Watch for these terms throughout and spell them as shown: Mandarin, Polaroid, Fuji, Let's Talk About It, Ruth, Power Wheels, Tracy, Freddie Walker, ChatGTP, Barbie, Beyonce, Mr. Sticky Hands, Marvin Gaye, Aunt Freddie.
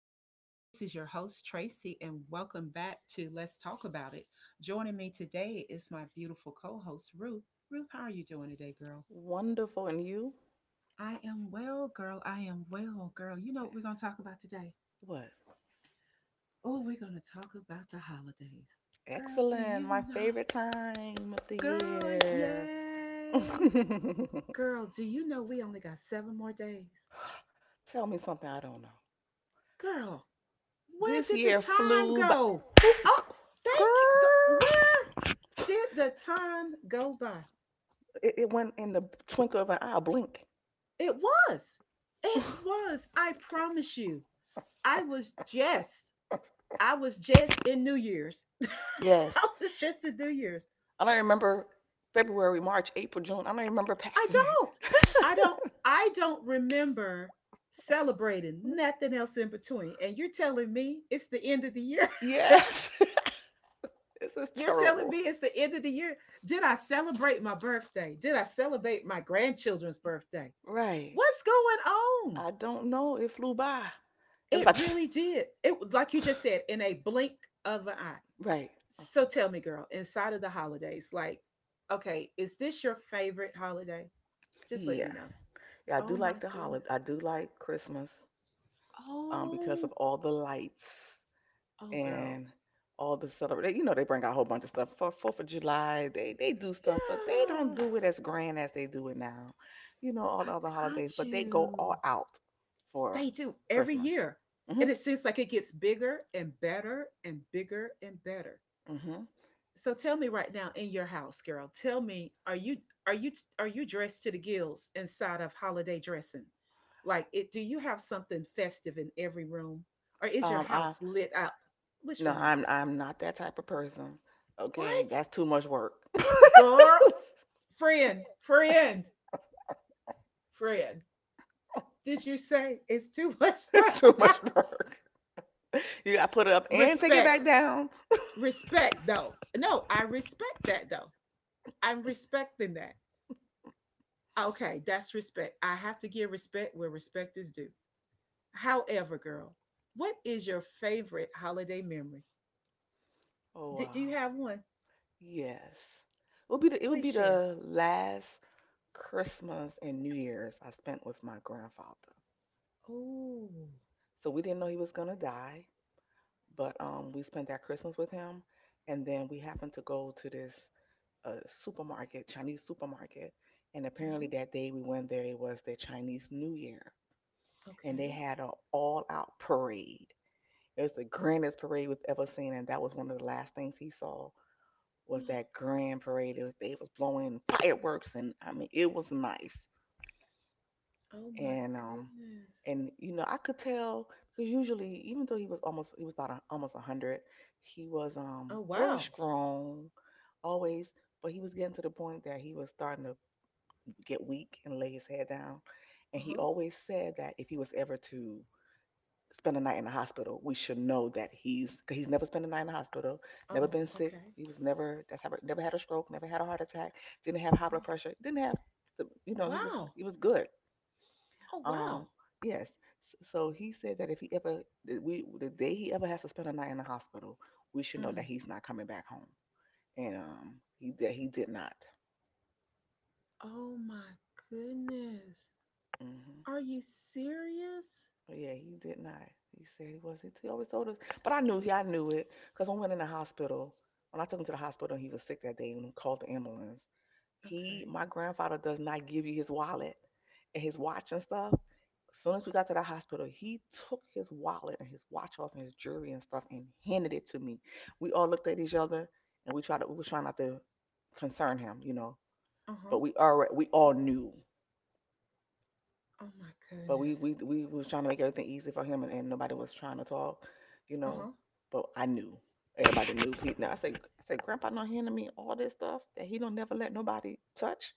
there. This is your host, Tracy, and welcome back to Let's Talk About It. Joining me today is my beautiful co host, Ruth. Ruth, how are you doing today, girl? Wonderful. And you? I am well, girl. I am well, girl. You know what we're going to talk about today? What? Oh, we're going to talk about the holidays. Girl, do Excellent. My you know? favorite time of the Girl, year. yay! Girl, do you know we only got 7 more days? Tell me something I don't know. Girl, where This did the year time flew by. go? Oh, thank you. Girl. Where did the time go by? It went in the twinkle of an eye, blink. It was. It was. I promise you. I was just. I was just in New Year's. Yes. I was just in New Year's. I don't remember February, March, April, June. I don't remember I passing it. don't. I don't. I don't remember celebrating nothing else in between. And you're telling me it's the end of the year. Yes. This is You're telling terrible. me it's the end of the year. Did I celebrate my birthday? Did I celebrate my grandchildren's birthday? Right. What's going on? I don't know. It flew by. It was It like, pfft. really did. It like you just said, in a blink of an eye. Right. Uh, So tell me, girl, inside of the holidays, like, okay, is this your favorite holiday? Just let me Yeah. know. Yeah, I Oh do my like the holiday. goodness. I do like Christmas because Oh, of all the lights oh girl. and all the celebration. You know, they bring out a whole bunch of stuff for 4th of July. They do stuff, but they don't Yeah, do it as grand as they do it now. You know, all the I other holidays, got but they go all you. out for They do every Christmas. year. And Mhm. it seems like it gets bigger and better and bigger and better. Mhm. So tell me right now in your house, girl, tell me, are you are you dressed to the gills inside of holiday dressing? Like it do you have something festive in every room? Or is your I house lit up? Which No, one is I'm it? I'm not that type of person. Okay, What? that's too much work. Girl friend, friend, friend. Did you say it's too much work? It's too much work. You got to put it up and take it Respect. back down. Respect though. No, I respect that though. I'm respecting that. Ah, okay, that's respect. I have to give respect where respect is due. However, girl, what is your favorite holiday memory? Oh Do, wow. do you have one? Yes. It would be the, it would Please be share. the last Christmas and New Year's I spent with my grandfather. Oh, So we didn't know he was gonna die, but we spent that Christmas with him. And then we happened to go to this supermarket, Chinese supermarket, and apparently uh-huh. that day we went there it was their Chinese New Year, and they Okay. had an all out parade. It was the grandest parade we've ever seen, and that was one of the last things he saw was Mm, that grand parade. It was, they was blowing fireworks, and I mean, it was nice. oh my And um, goodness. and you know, I could tell because usually, even though he was about almost 100, he was Oh very wow. strong, always. But he was getting to the point that he was starting to get weak and lay his head down. And he Uh-huh. always said that if he was ever to spend a night in the hospital, we should know that he's cause he's never spent a night in the hospital, never Oh, been sick. okay. He was never that's how never had a stroke, never had a heart attack, didn't have high Oh, blood pressure, didn't have the, you know he was wow. he was good. Oh wow. Um, yes. So he said that if he ever we the day he ever has to spend a night in the hospital, we should know that Mm. he's not coming back home, and he that he did not. Oh my goodness. Are Mm-hmm. you serious? But yeah, he did not. He said he was. He always told us. But I knew he. I knew it because when we went in the hospital, when I took him to the hospital, and he was sick that day, and called the ambulance. He, Okay. my grandfather, does not give you his wallet and his watch and stuff. As soon as we got to the hospital, he took his wallet and his watch off and his jewelry and stuff and handed it to me. We all looked at each other and we tried to. We were trying not to concern him, you know. Uh-huh. But we all knew. Oh my But we goodness. we we was trying to make everything easy for him, and nobody was trying to talk, you know. Uh-huh. But I knew everybody knew. He, now I said Grandpa not handing me all this stuff that he don't never let nobody touch.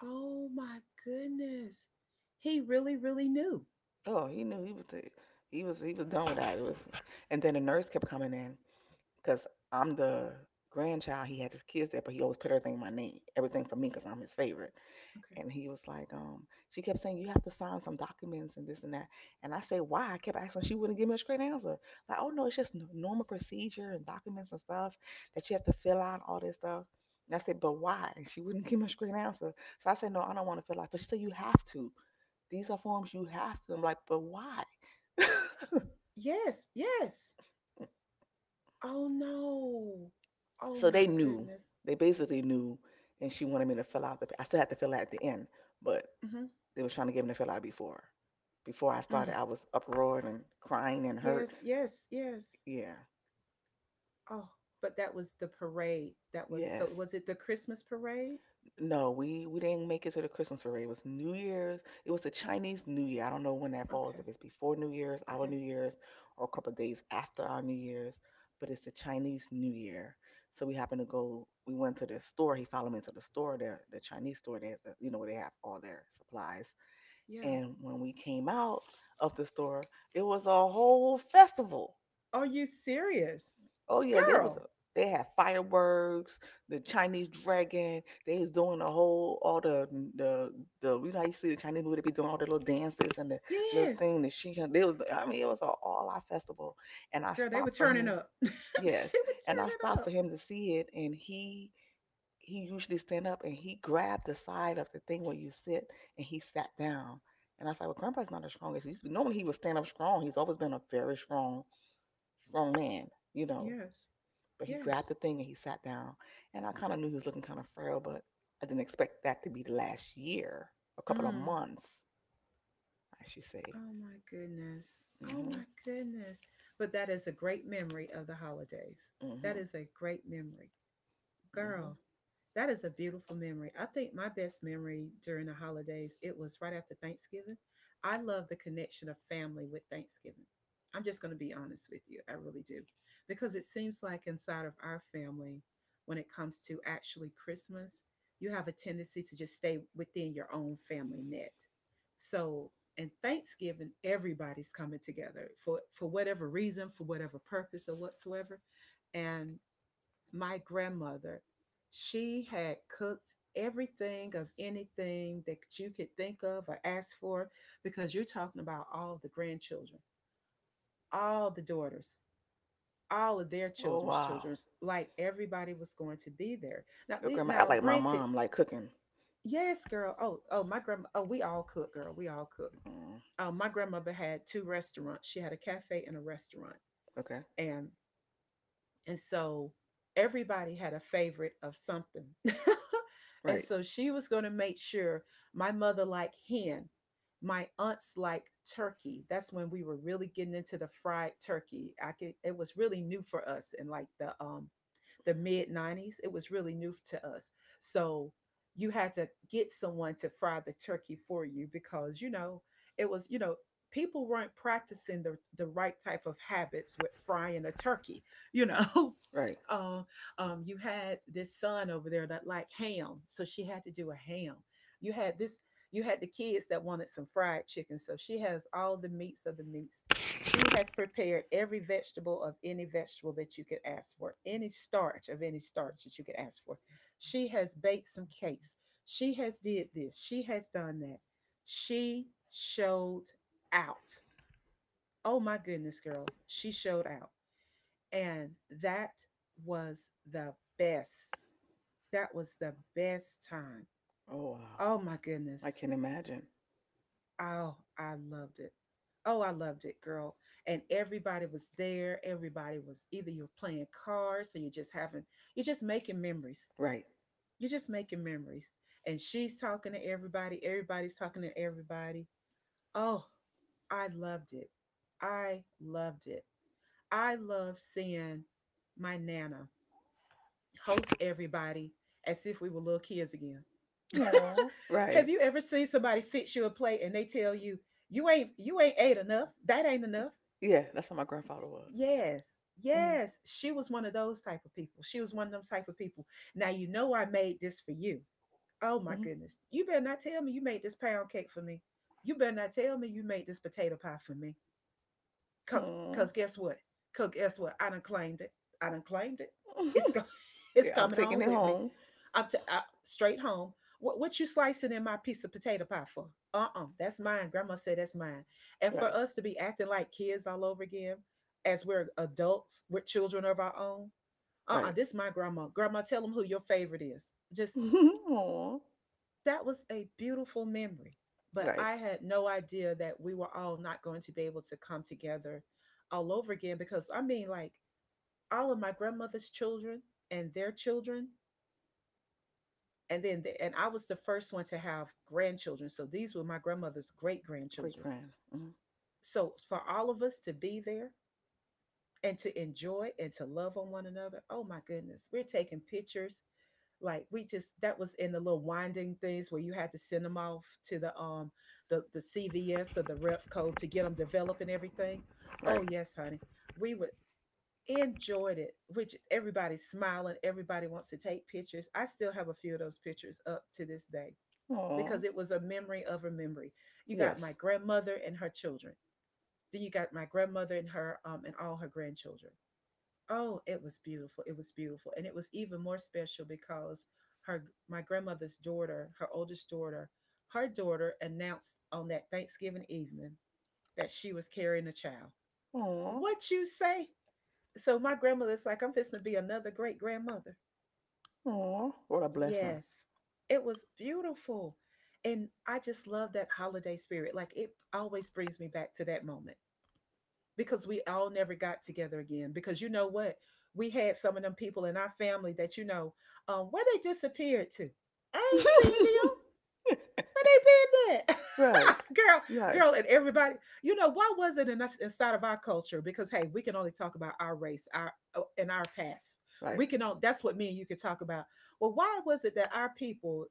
Oh my goodness. He really, really knew. Oh, he knew he was he was done with that. And then the nurse kept coming in because I'm the grandchild. He had his kids there, but he always put everything in my name, everything for me because I'm his favorite. Okay. And he was like, she kept saying, you have to sign some documents and this and that. And I said, why? I kept asking. She wouldn't give me a straight answer. Like, oh, no, it's just normal procedure and documents and stuff that you have to fill out, all this stuff. And I said, but why? And she wouldn't give me a straight answer. So I said, no, I don't want to fill out. But she said, you have to. These are forms you have to. I'm like, but why? Yes, yes. Oh no. Oh So my they knew. goodness. They basically knew. And she wanted me to I still had to fill out at the end. But Hmm. they was trying to give me the feel I before. Before I started, Mm. I was uproaring and crying and hurt. Yes, yes, yes. Yeah. Oh, but that was the parade. Yes. Was it the Christmas parade? No, we didn't make it to the Christmas parade. It was New Year's. It was the Chinese New Year. I don't know when that falls. Okay, If it's before New Year's, our okay. New Year's, or a couple of days after our New Year's. But it's the Chinese New Year. So we happened to go. We went to the store. He followed me to the store, the Chinese store. There's a, you know where they have all their supplies. Yeah. And when we came out of the store, it was a whole festival. Are you serious? Oh yeah, Girl, they had fireworks, the Chinese dragon. They was doing the whole all the the you know how you see the Chinese movie they be doing all the little dances and the little yes. thing that she they was I mean it was a all out festival and I Girl, they were stopped for turning him up. They yes, were and I turning stopped for up. him to see it, and he usually stand up and he grabbed the side of the thing where you sit and he sat down. And I was like, well, grandpa's not as strong as he used to be. Normally he would stand up strong. He's always been a very strong strong man, you know, Yes, but he yes. grabbed the thing and he sat down. And I kind of knew he was looking kind of frail, but I didn't expect that to be the last year, a couple of Mm. months, I should say. Oh my goodness. Oh Mhm, my goodness. But that is a great memory of the holidays. That mhm, is a great memory. Girl, mhm. that is a beautiful memory. I think my best memory during the holidays, it was right after Thanksgiving. I love the connection of family with Thanksgiving. I'm just going to be honest with you. I really do. Because it seems like inside of our family, when it comes to actually Christmas, you have a tendency to just stay within your own family net. So, and Thanksgiving, everybody's coming together for whatever reason, for whatever purpose or whatsoever. And my grandmother, she had cooked everything of anything that you could think of or ask for because you're talking about all the grandchildren, all the daughters, all of their Oh children's wow, children's, like everybody was going to be there. Now your we grandma now act like my granted, mom, like cooking. yes, girl. Oh, my grandma, oh, we all cook, girl. We all cook. Mm, My grandmother had two restaurants. She had a cafe and a restaurant. okay, And And so everybody had a favorite of something. And right, so she was going to make sure my mother liked hen, my aunts liked turkey. That's when we were really getting into the fried turkey. It was really new for us in like the mid 90s. It was really new to us. So you had to get someone to fry the turkey for you because it was, people weren't practicing the right type of habits with frying a turkey you know right. uh, you had this son over there that liked ham, so she had to do a ham. you had this you had the kids that wanted some fried chicken, so she has all the meats of the meats. She has prepared every vegetable of any vegetable that you could ask for, any starch of any starch that you could ask for. She has baked some cakes, she has did this, she has done that, she showed out. Oh my goodness, girl, she showed out. And that was the best. That was the best time. Oh wow, Oh my I goodness. can imagine. Oh, I loved it. Oh, I loved it, girl. And everybody was there. Everybody was either you're playing cards or you're just making memories. Right. You're just making memories. And she's talking to everybody. Everybody's talking to everybody. Oh, I loved it. I loved it. I love seeing my Nana host everybody as if we were little kids again. Oh, Have right. you ever seen somebody fix you a plate and they tell you, you ain't ate enough. That ain't enough. Yeah, that's how my grandfather was. Yes. Mm, Yes. She was one of those type of people. She was one of those type of people. Now you know I made this for you. Oh my mhm, goodness. You better not tell me you made this pound cake for me. You better not tell me you made this potato pie for me. Cause mm. cause guess what? Cause guess what? I done claimed it. I done claimed it. It's go- it's Yeah, I'm coming taking home it with me home. up to straight home. What you slicing in my piece of potato pie for? That's mine. Grandma said that's mine. And for Right, us to be acting like kids all over again, as we're adults, we're children of our own. Right. This is my grandma. Grandma, tell them who your favorite is. Just Aw, That was a beautiful memory. But right. I had no idea that we were all not going to be able to come together all over again because I mean, like all of my grandmother's children and their children and I was the first one to have grandchildren. So these were my grandmother's great Great grandchildren. grand. Hmm. So for all of us to be there and to enjoy and to love on one another, oh my goodness, we're taking pictures. Like we just That was in the little winding things where you had to send them off to the CVS or the ref code to get them developed and everything. Oh Right. yes, honey, we would enjoyed it. Which is everybody's smiling, everybody wants to take pictures. I still have a few of those pictures up to this day Aw. because it was a memory of a memory. You got Yes. my grandmother and her children. Then you got my grandmother and her and all her grandchildren. Oh, it was beautiful. It was beautiful, and it was even more special because her my grandmother's daughter, her oldest daughter, her daughter announced on that Thanksgiving evening that she was carrying a child. Aw. What you say? So my grandmother's like, I'm fixing to be another great grandmother. Aw. What a blessing. Yes, it was beautiful. And I just love that holiday spirit. Like it always brings me back to that moment because we all never got together again. Because you know what? We had some of them people in our family that where they disappeared to. I ain't seen them. Where they been at? Right. Girl, Right. girl, and everybody, why was it in us inside of our culture? Because hey, we can only talk about our race, our and our past. Right. We can on That's what me and you can talk about. Well, why was it that our people,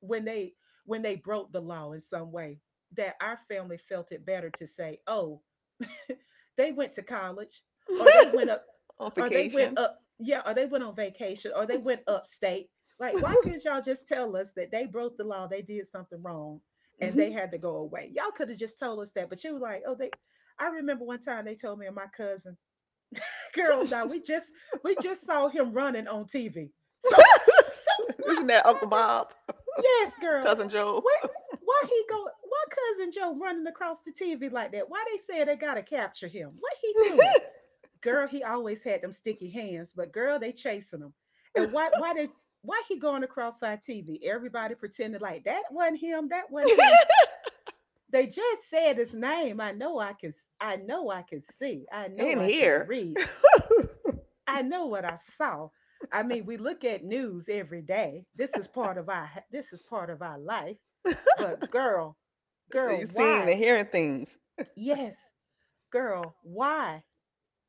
when they when they broke the law in some way, that our family felt it better to say, oh, they went to college, or they went up, On or they went vacation. up, yeah, or they went on vacation, or they went upstate like, why couldn't y'all just tell us that they broke the law, they did something wrong, and Mhm. they had to go away? Y'all could have just told us that, but you were like, oh, they. I remember one time they told me and my cousin, girl, no, we just we just saw him running on TV. So, Isn't that Uncle Bob? yes, girl, Cousin Joe? what? Why he go? Why cousin Joe running across the TV like that? Why they say they gotta capture him? What he doing? Girl, he always had them sticky hands, but girl, they chasing him. And why he going across our TV? Everybody pretended like that wasn't him, that wasn't him. They just said his name. I know I can see. I know In I can here. read. I know what I saw. I mean, we look at news every day. This is part of our life. So But girl, girl, you seeing why? and hearing things. Yes, girl, why?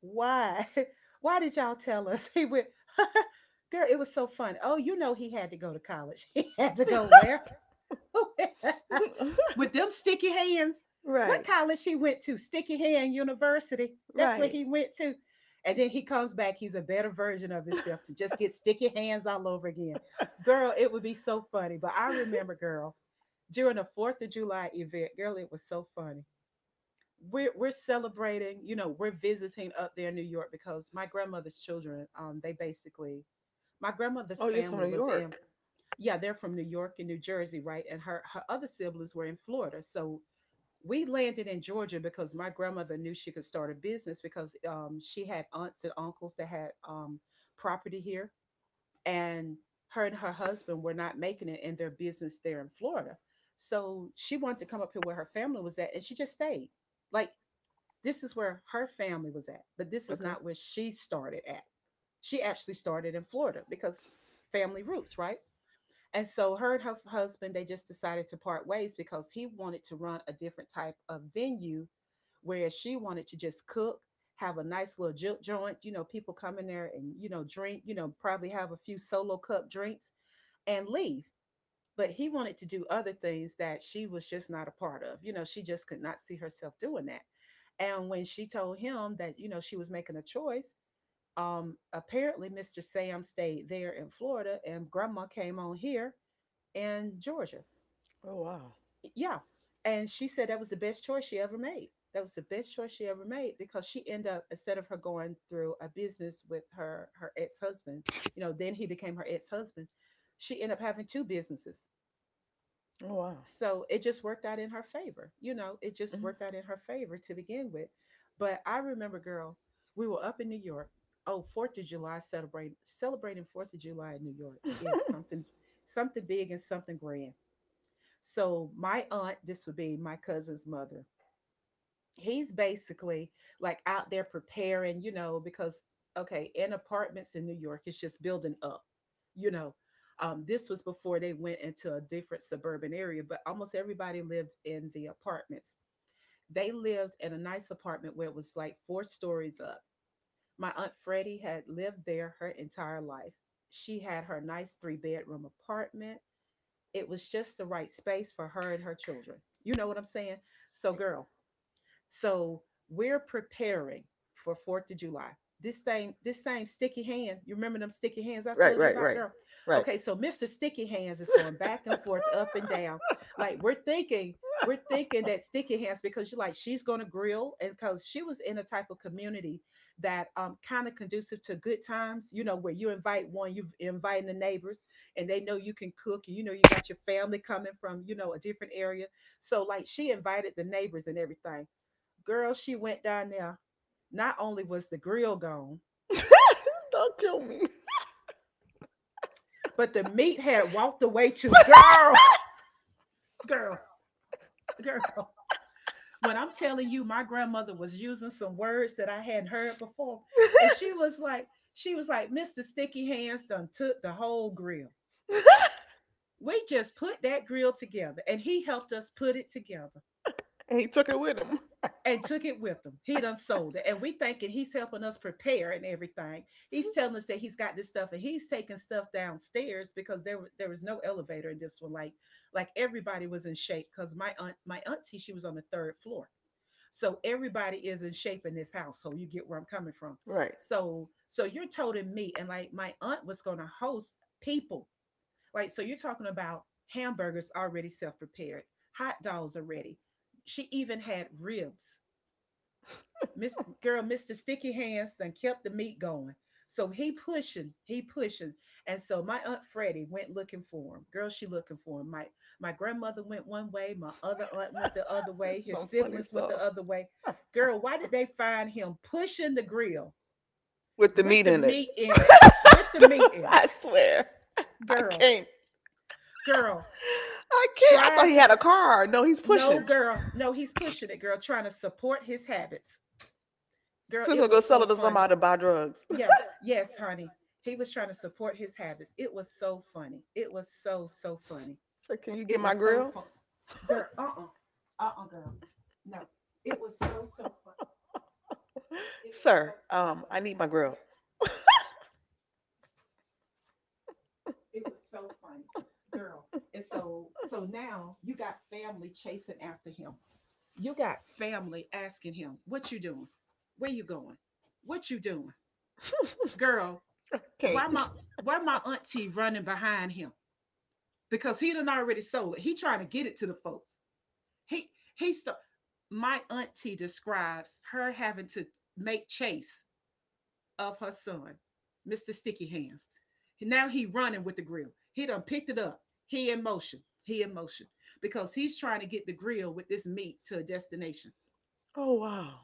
Why? Why did y'all tell us he went? Girl, it was so fun. Oh, you know he had to go to college. He had to go where? With them sticky hands. What Right. college he went to? Sticky Hand University. That's where Right. he went to. And then he comes back. He's a better version of himself to just get sticky hands all over again. Girl, it would be so funny. But I remember, girl, during the 4th of July event, girl, it was so funny. We're celebrating, we're visiting up there in New York because my grandmother's children, they basically, my grandmother's Oh, you're from family New was in. York. Yeah, they're from New York and New Jersey, right? And her other siblings were in Florida, so we landed in Georgia because my grandmother knew she could start a business because she had aunts and uncles that had property here. And her and her husband were not making it in their business there in Florida, so she wanted to come up here where her family was at, and she just stayed. Like, this is where her family was at, but this is Okay. not where she started at. She actually started in Florida because family roots, right? And so her and her husband, they just decided to part ways because he wanted to run a different type of venue, whereas she wanted to just cook, have a nice little joint, people come in there and, drink, probably have a few solo cup drinks and leave, but he wanted to do other things that she was just not a part of. She just could not see herself doing that. And when she told him that, she was making a choice, apparently Mr. Sam stayed there in Florida and grandma came on here in Georgia. Oh wow. Yeah. And she said that was the best choice she ever made. That was the best choice she ever made because she ended up, instead of her going through a business with her ex husband, then he became her ex husband. She ended up having two businesses, Oh wow. so it just worked out in her favor. It just Mhm. worked out in her favor to begin with. But I remember, girl, we were up in New York. Oh, 4th of July. Celebrating 4th of July in New York is something, something big and something grand. So my aunt, this would be my cousin's mother, he's basically like out there preparing, because okay, in apartments in New York, it's just building up, you know. This was before they went into a different suburban area, but almost everybody lived in the apartments. They lived in a nice apartment where it was like four stories up. My Aunt Freddie had lived there her entire life. She had her nice three-bedroom apartment. It was just the right space for her and her children. You know what I'm saying? So, girl, so we're preparing for Fourth of July. This same sticky hand. You remember them sticky hands I Right, told you right, about, right, girl? right. Okay, so Mr. Sticky Hands is going back and forth, up and down. Like, we're thinking that sticky hands because you're like she's gonna grill, and because she was in a type of community that kind of conducive to good times. You know, where you invite one, you inviting the neighbors, and they know you can cook, and you know you got your family coming from a different area. So like she invited the neighbors and everything. Girl, she went down there. Not only was the grill gone, Don't kill me. but the meat had walked away too. Girl, girl, girl. When I'm telling you, my grandmother was using some words that I hadn't heard before. And she was like, Mr. Sticky Hands done took the whole grill. We just put that grill together and he helped us put it together. And he took it with him. And took it with him. He done sold it. And we thinking he's helping us prepare and everything. He's telling us that he's got this stuff and he's taking stuff downstairs because there was no elevator in this one. Like, everybody was in shape because my aunt, my auntie, she was on the third floor. So everybody is in shape in this household. You get where I'm coming from. Right. So you're toting me, and like my aunt was gonna host people. Like, so you're talking about hamburgers already self-prepared, hot dogs are ready. She even had ribs. Miss girl, Mr. Sticky Hands done kept the meat going. So he pushing, he pushing. And so my Aunt Freddie went looking for him. Girl, she looking for him. My grandmother went one way, my other aunt went the other This way, is his some funny siblings went the stuff. other way. Girl, why did they find him pushing the grill With the with meat the in it. meat in it? With the meat in I it. swear. I Girl, can't. girl, I can't. I thought trying he to had a car. No, he's no pushing. girl, no, he's pushing it, girl, trying to support his habits. Girl, So he's it gonna go was sell so it to funny. somebody to buy drugs. Yeah. Yes, honey. He was trying to support his habits. It was so funny. It was so so funny. So can you get It my was so grill? fun. Girl, uh-uh. Uh-uh, girl. No. It was so so fun. It was Sir, so so I funny. need my grill. Yes, yes. It was so funny. Girl. And so now you got family chasing after him. You got family asking him, "What you doing? Where you going? What you doing?" Girl, why Can't. my why my auntie running behind him? Because he done already sold it. He trying to get it to the folks. He he st- my auntie describes her having to make chase of her son, Mr. Sticky Hands. Now he running with the grill. He done picked it up. He in motion. He in motion because he's trying to get the grill with this meat to a destination. Oh wow.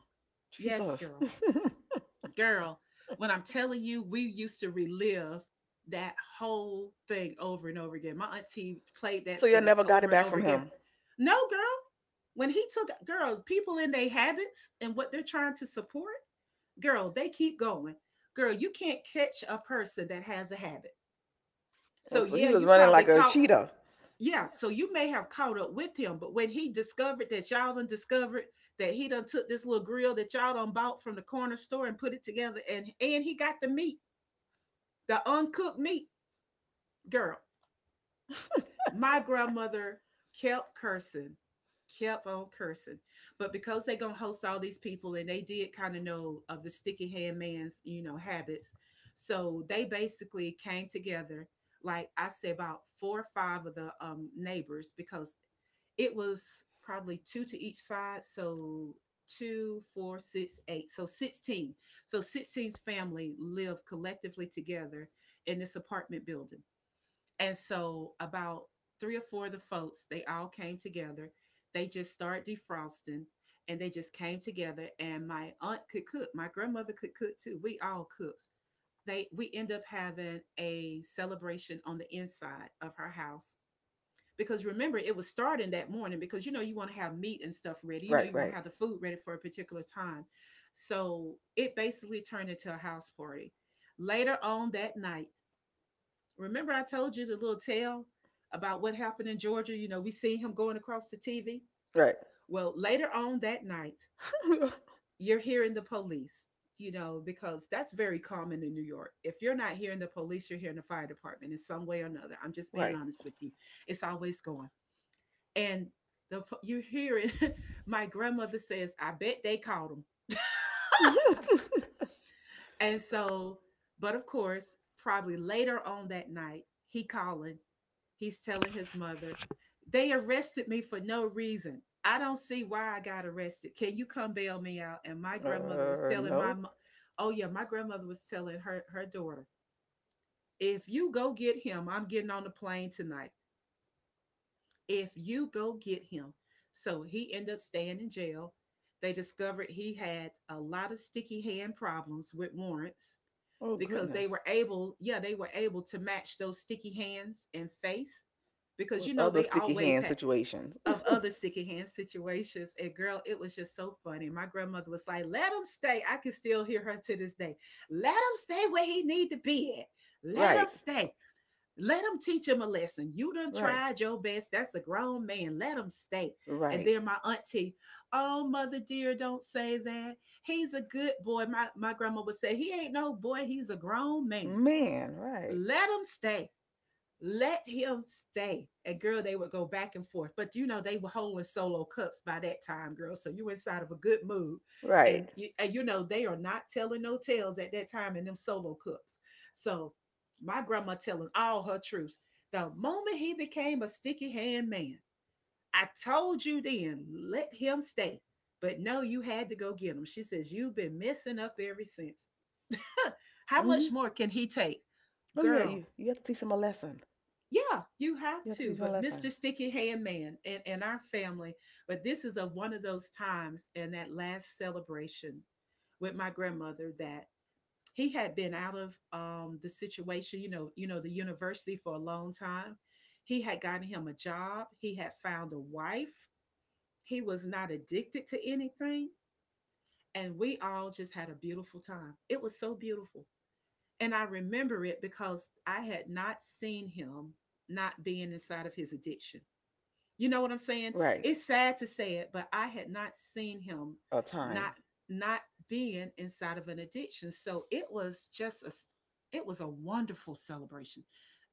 Yes, Jesus. girl. Girl, when I'm telling you, we used to relive that whole thing over and over again. My auntie played that So you sentence never got it over and back over from again. him. No, girl, when he took, girl, people in their habits and what they're trying to support, girl, they keep going. Girl, you can't catch a person that has a habit. Oh, So so he yeah, was you running probably like a caught. cheetah. Yeah, so you may have caught up with him, but when he discovered that y'all done discovered that he done took this little grill that y'all done bought from the corner store and put it together, and he got the meat, the uncooked meat, girl. My grandmother kept cursing, kept on cursing. But because they gonna host all these people, and they did kind of know of the sticky hand man's habits. So they basically came together, like I said, about four or five of the neighbors because it was probably two to each side. So two, four, six, eight. So 16. So 16's family lived collectively together in this apartment building. And so about three or four of the folks, they all came together. They just started defrosting, and they just came together, and my aunt could cook. My grandmother could cook too. We all cooks. They we end up having a celebration on the inside of her house. Because remember, it was starting that morning because you know you want to have meat and stuff ready. You know Right, you want to right, have the food ready for a particular time. So it basically turned into a house party. Later on that night, remember, I told you the little tale about what happened in Georgia? You know, we see him going across the TV. right, Well, later on that night, you're hearing the police, because that's very common in New York. If you're not hearing the police, you're hearing the fire department in some way or another. I'm just being right. honest with you. It's always going. And the you hear it. My grandmother says, "I bet they called him." And so, but of course, probably later on that night, he calling he's telling his mother, "They arrested me for no reason. I don't see why I got arrested. Can you come bail me out?" And my grandmother was telling No. Oh yeah, my grandmother was telling her daughter, "If you go get him, I'm getting on the plane tonight. If you go get him," so he ended up staying in jail. They discovered he had a lot of sticky hand problems with warrants Oh because goodness. Yeah, they were able to match those sticky hands and face because you With know other they sticky always hand had situations. of other sticky hand situations. And girl, it was just so funny. My grandmother was like, let him stay. I can still hear her to this day. Let him stay where he need to be at. Let Right, him stay. Let him teach him a lesson. You done right, tried your best. That's a grown man. Let him stay. And right. then my auntie, oh mother dear, don't say that. He's a good boy. My grandma would say, he ain't no boy. He's a grown man. Man, right, Let him stay, let him stay. And girl, they would go back and forth. But you know, they were holding solo cups by that time, girl. So you inside of a good mood. right. And you, they are not telling no tales at that time in them solo cups. So my grandma telling all her truths. The moment he became a sticky hand man, I told you then, let him stay. But no, you had to go get him. She says, you've been messing up ever since. How Mhm. much more can he take? Oh yeah, Girl, you have to teach him a lesson. yeah, you have You have to to. teach him a But lesson. Mr. Sticky Hand Man and, our family, but this is of one of those times and that last celebration with my grandmother that he had been out of the situation, you know, the university for a long time. He had gotten him a job. He had found a wife. He was not addicted to anything. And we all just had a beautiful time. It was so beautiful. And I remember it because I had not seen him not being inside of his addiction, you know what I'm saying? Right. It's sad to say it, but I had not seen him A not time. not being inside of an addiction. So it was a wonderful celebration.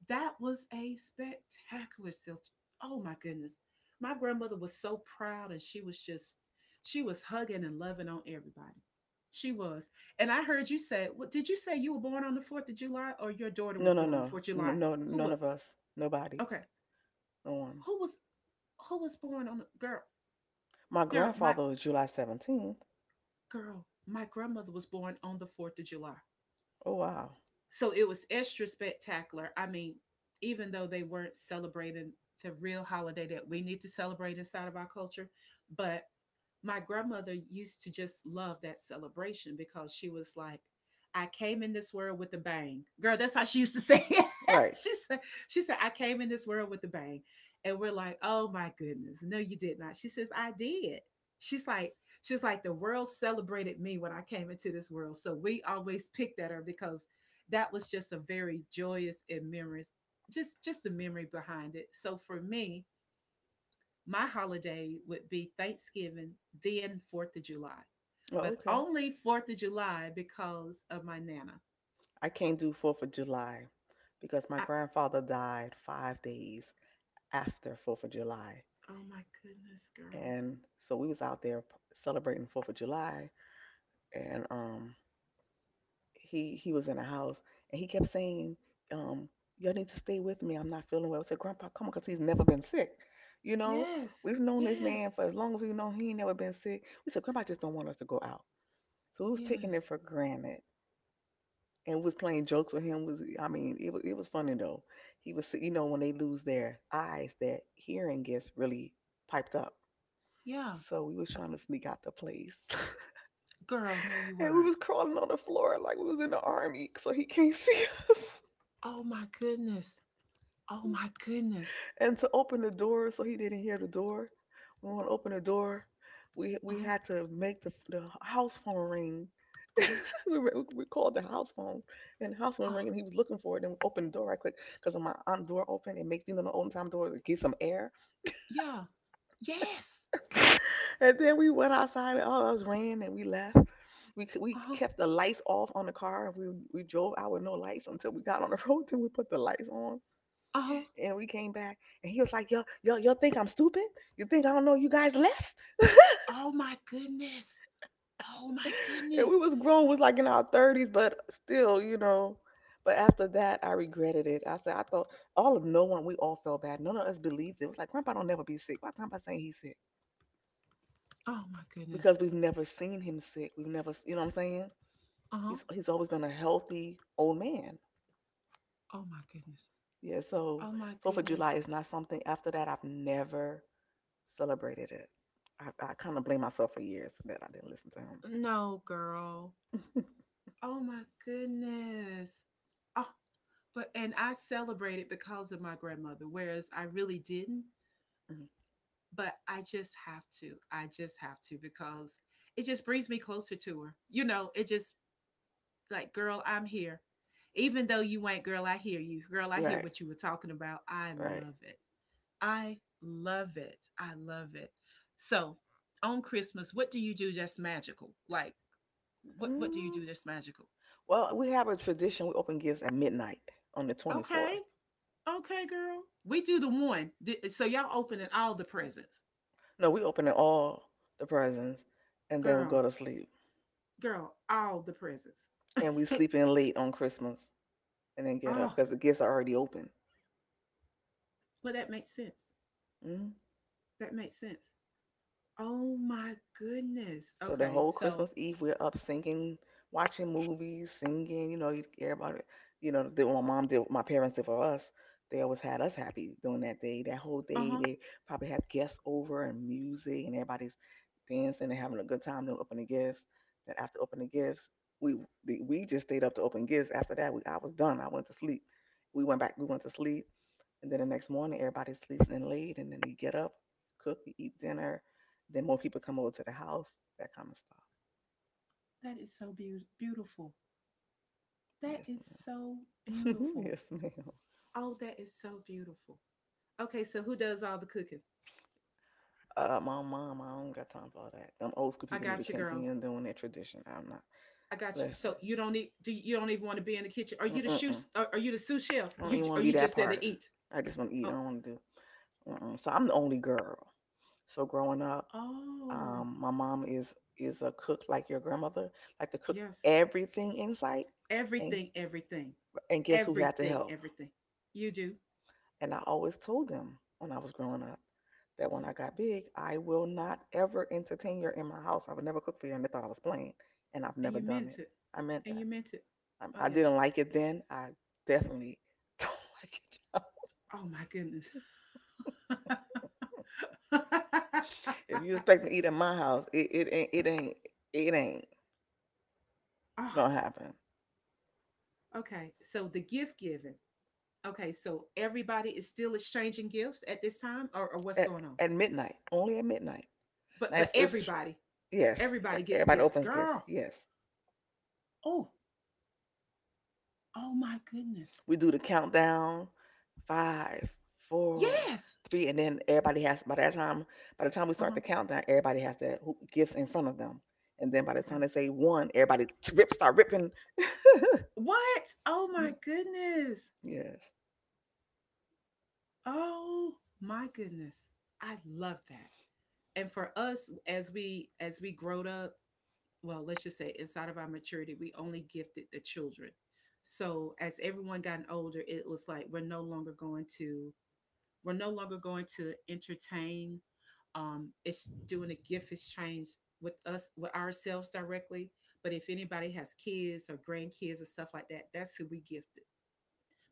That was a spectacular celebration. Oh my goodness. My grandmother was so proud and she was hugging and loving on everybody. She was. And I heard you say, what did you say, you were born on the 4th of July or your daughter No, was no, born on no, 4th of no, July? no. Who None of was? us. Nobody. Okay. No one. Who was, who was born on the girl My girl, my grandfather was July 17th. girl, my grandmother was born on the 4th of July. Oh, wow. So it was extra spectacular. I mean, even though they weren't celebrating the real holiday that we need to celebrate inside of our culture, but my grandmother used to just love that celebration because she was like, I came in this world with a bang. Girl, that's how she used to say it. Right. she said, she said, I came in this world with a bang. And we're like, oh my goodness. No, you did not. She says, I did. She's like, she's like, the world celebrated me when I came into this world. So we always picked at her because that was just a very joyous just the memory behind it. So for me, my holiday would be Thanksgiving, then 4th of July, Oh, but okay. only 4th of July because of my Nana. I can't do 4th of July because my I, grandfather died 5 days after 4th of July. oh my goodness, girl. And so we was out there celebrating 4th of July, and he was in the house and he kept saying um y'all need to stay with me. I'm not feeling well. I said, "Grandpa, come on, cuz he's never been sick." You know, Yes, we've known this yes, man for as long as we've known he ain't never been sick. We said, "Grandpa just don't want us to go out." So we was taking it yes. for granted and was playing jokes with him, was, I mean, it was funny though. He was, you know, when they lose their eyes, their hearing gets really piped up. Yeah, So we was trying to sneak out the place, girl, no, you and we weren't. was crawling on the floor like we was in the army, so he can't see us. Oh my goodness. Oh my goodness. And to open the door, so he didn't hear the door. We want to open the door. We Uh we huh, had to make the house phone ring. uh huh. We, we called the house phone, and the house phone was Oh, ringing. He was looking for it, and we opened the door right quick because my aunt door open and makes, you know, the old time door to get some air. yeah, yes. And then we went outside, and all, oh, it was ran, and we left. We Uh we huh, kept the lights off on the car, and we drove out with no lights until we got on the road. Till we put the lights on, uh huh. and we came back, and he was like, "Yo, yo, y'all think I'm stupid? You think I don't know you guys left?" Oh my goodness. Oh my And we goodness. was grown, was like in our thirties, but still. But after that, I regretted it. I said, I thought all of no one, we all felt bad. None of us believed it. It was like Grandpa don't never be sick. Why Grandpa saying he's sick? Oh my Because goodness. we've never seen him sick. We've never, you know what I'm saying? Uh huh. He's always been a healthy old man. Oh my goodness. Yeah. So Oh my Fourth of July goodness. is not something. After that, I've never celebrated it. I kind of blame myself for years that I didn't listen to him. No, girl. Oh my goodness. Oh, but and I celebrated because of my grandmother, whereas I really didn't. Mhm. But I just have to. I just have to because it just brings me closer to her. You know, it just like, girl, I'm here. Even though you ain't, girl, I hear you. Girl, I hear Right, what you were talking about. I right. love it. I love it. I love it. So, on Christmas, what do you do that's magical? Like, what do you Mm. do that's magical? Well, we have a tradition. We open gifts at midnight on the Okay. 24th. Okay, girl. We do the one. So y'all opening all the presents. No, we open it all the presents and then we go Girl, to sleep. girl, all the presents. And we oh, sleep in late on Christmas and then get up well, because the gifts are already open. that makes sense. Hmm. That makes sense. Oh my goodness. So the Okay, whole Christmas so, Eve, we're up singing, watching movies, singing. You know, you care about it. You know, did what my mom did, what my parents did for us. They always had us happy during that day. That whole uh day, huh. they probably have guests over and music, and everybody's dancing and having a good time. Then open the gifts. Then after opening the gifts, we we just stayed up to open gifts. After that, I was done. I went to sleep. We went back. We went to sleep. And then the next morning, everybody sleeps in late, and then they get up, cook, we eat dinner. Then more people come over to the house, that kind of stuff. That is beautiful. That Yes, is so ma'am. beautiful. Yes, ma'am. Oh, that is so beautiful. Okay, so who does all the cooking? My mom, I don't got time for all that. Them old school I people need to got you, girl. continue doing their tradition. I'm not. I got you. Listen. So you don't need. Do you don't even want to be in the kitchen? Are you the shoe? Mm-mm-mm. Are you the sous chef? I don't You even want to are, be you that just there part. to eat? I just want to eat. I Oh. don't want to do. Mm-mm. So I'm the only girl. So growing up, Oh, my mom is a cook like your grandmother, like to cook yes. everything in sight. And Everything, everything, and guess who had to everything, help? everything. You do. And I always told them when I was growing up that when Mhm. I got big, I will not ever entertain you in my house. I would never cook for you. And they thought I was playing. And I've And never you done it. meant it. I meant And that. you meant it. Oh, I yeah. didn't like it then. I definitely don't like it now. Oh, my goodness. If you expect me to eat at my house, it ain't oh, gonna happen. okay. So the gift giving. Okay. So everybody is still exchanging gifts at this time, or what's At, going on? at midnight, only at midnight. But Now, but if everybody, yes, Everybody gets everybody gifts, opens gifts. girl. Yes, Oh, oh my goodness. we do the countdown. Five, four, Yes. three, and then everybody has. By that time, by the time we Uh start the huh. countdown, everybody has their gifts in front of them, and then by the time Okay. they say one, everybody rip start ripping. What? Oh my Mm, goodness. yes, Oh my goodness. I love that. And for us as we growed up, well, let's just say inside of our maturity, we only gifted the children. So as everyone gotten older, it was like we're no longer going to entertain. It's doing a gift exchange with us with ourselves directly. But if anybody has kids or grandkids or stuff like that, that's who we give.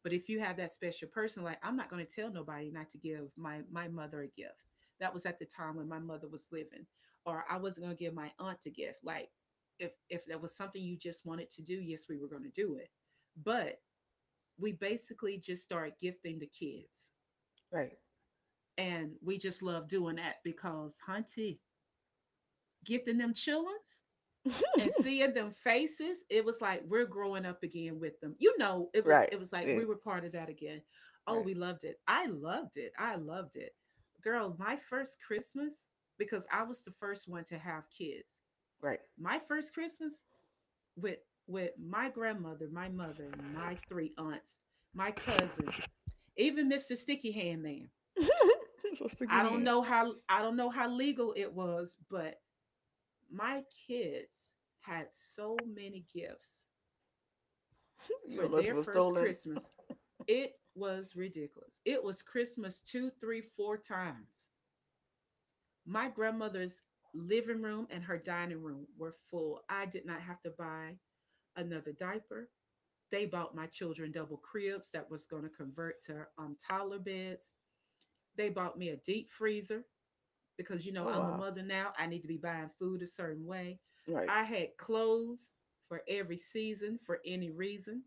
But if you have that special person, like I'm not going to tell nobody not to give my mother a gift. That was at the time when my mother was living, or I wasn't going to give my aunt a gift. Like if that was something you just wanted to do, yes, we were going to do it. But we basically just started gifting the kids, right, and we just love doing that because, hunty, gifting them chillins and seeing them faces, it was like we're growing up again with them. You know, it was right, it was like yeah, we were part of that again. Oh, right, we loved it. I loved it. I loved it. Girl, my first Christmas because I was the first one to have kids. right. My first Christmas with my grandmother, my mother, my three aunts, my cousin, even Mr. Sticky Hand Man. So stick your hand. I don't know how legal it was, but my kids had so many gifts You for don't know if it their was first stolen. Christmas. It was ridiculous. It was Christmas two, three, four times. My grandmother's living room and her dining room were full. I did not have to buy another diaper. They bought my children double cribs that was going to convert to toddler beds. They bought me a deep freezer because, you know, Oh I'm a wow, mother now. I need to be buying food a certain way. right. I had clothes for every season, for any reason.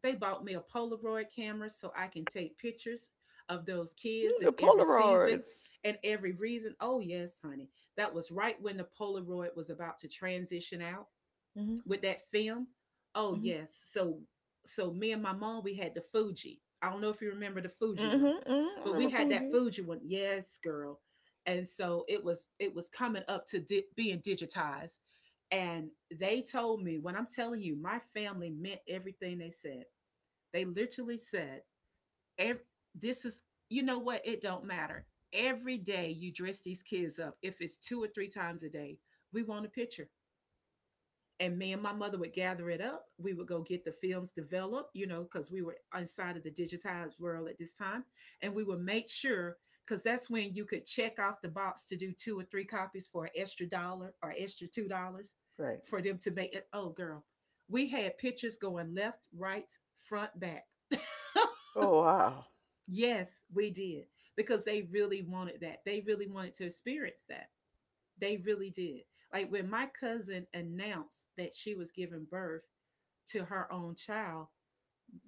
They bought me a Polaroid camera so I can take pictures of those Mm, kids the in every Polaroids. season and every reason. Oh, yes, honey. That was right when the Polaroid was about to transition out Mhm, with that film. Oh, mhm, yes. So me and my mom, we had the Fuji. I don't know if you remember the Fuji mhm, one, mhm. I but we remember had that Fuji. Fuji one. Yes, girl. And so it was coming up to being digitized. And they told me, when I'm telling you, my family meant everything they said. They literally said, ev- "This is, you know what? It don't matter. Every day you dress these kids up. If it's two or three times a day, we want a picture." And me and my mother would gather it up. We would go get the films developed, you know, because we were inside of the digitized world at this time. And we would make sure, because that's when you could check off the box to do two or three copies for an extra dollar or extra $2 Right. for them to make it. Oh, girl, we had pictures going left, right, front, back. Oh wow. Yes, we did because they really wanted that. They really wanted to experience that. They really did. Like when my cousin announced that she was giving birth to her own child,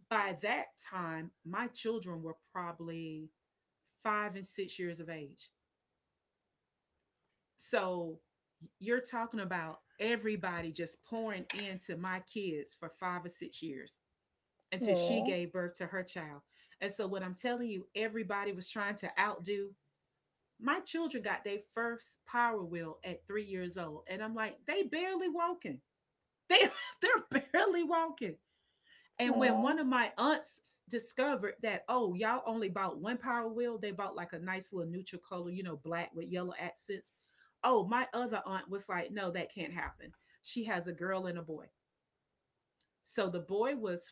by that time, my children were probably 5 and 6 years of age. So you're talking about everybody just pouring into my kids for 5 or 6 years until she gave birth to her child. And so, what I'm telling you, everybody was trying to outdo. My children got their first power wheel at 3 years old. And I'm like, they barely walking. They they're barely walking. Aw, And when aw. one of my aunts discovered that, oh, y'all only bought one power wheel, they bought like a nice little neutral color, you know, black with yellow accents. Oh, my other aunt was like, no, that can't happen. She has a girl and a boy. So the boy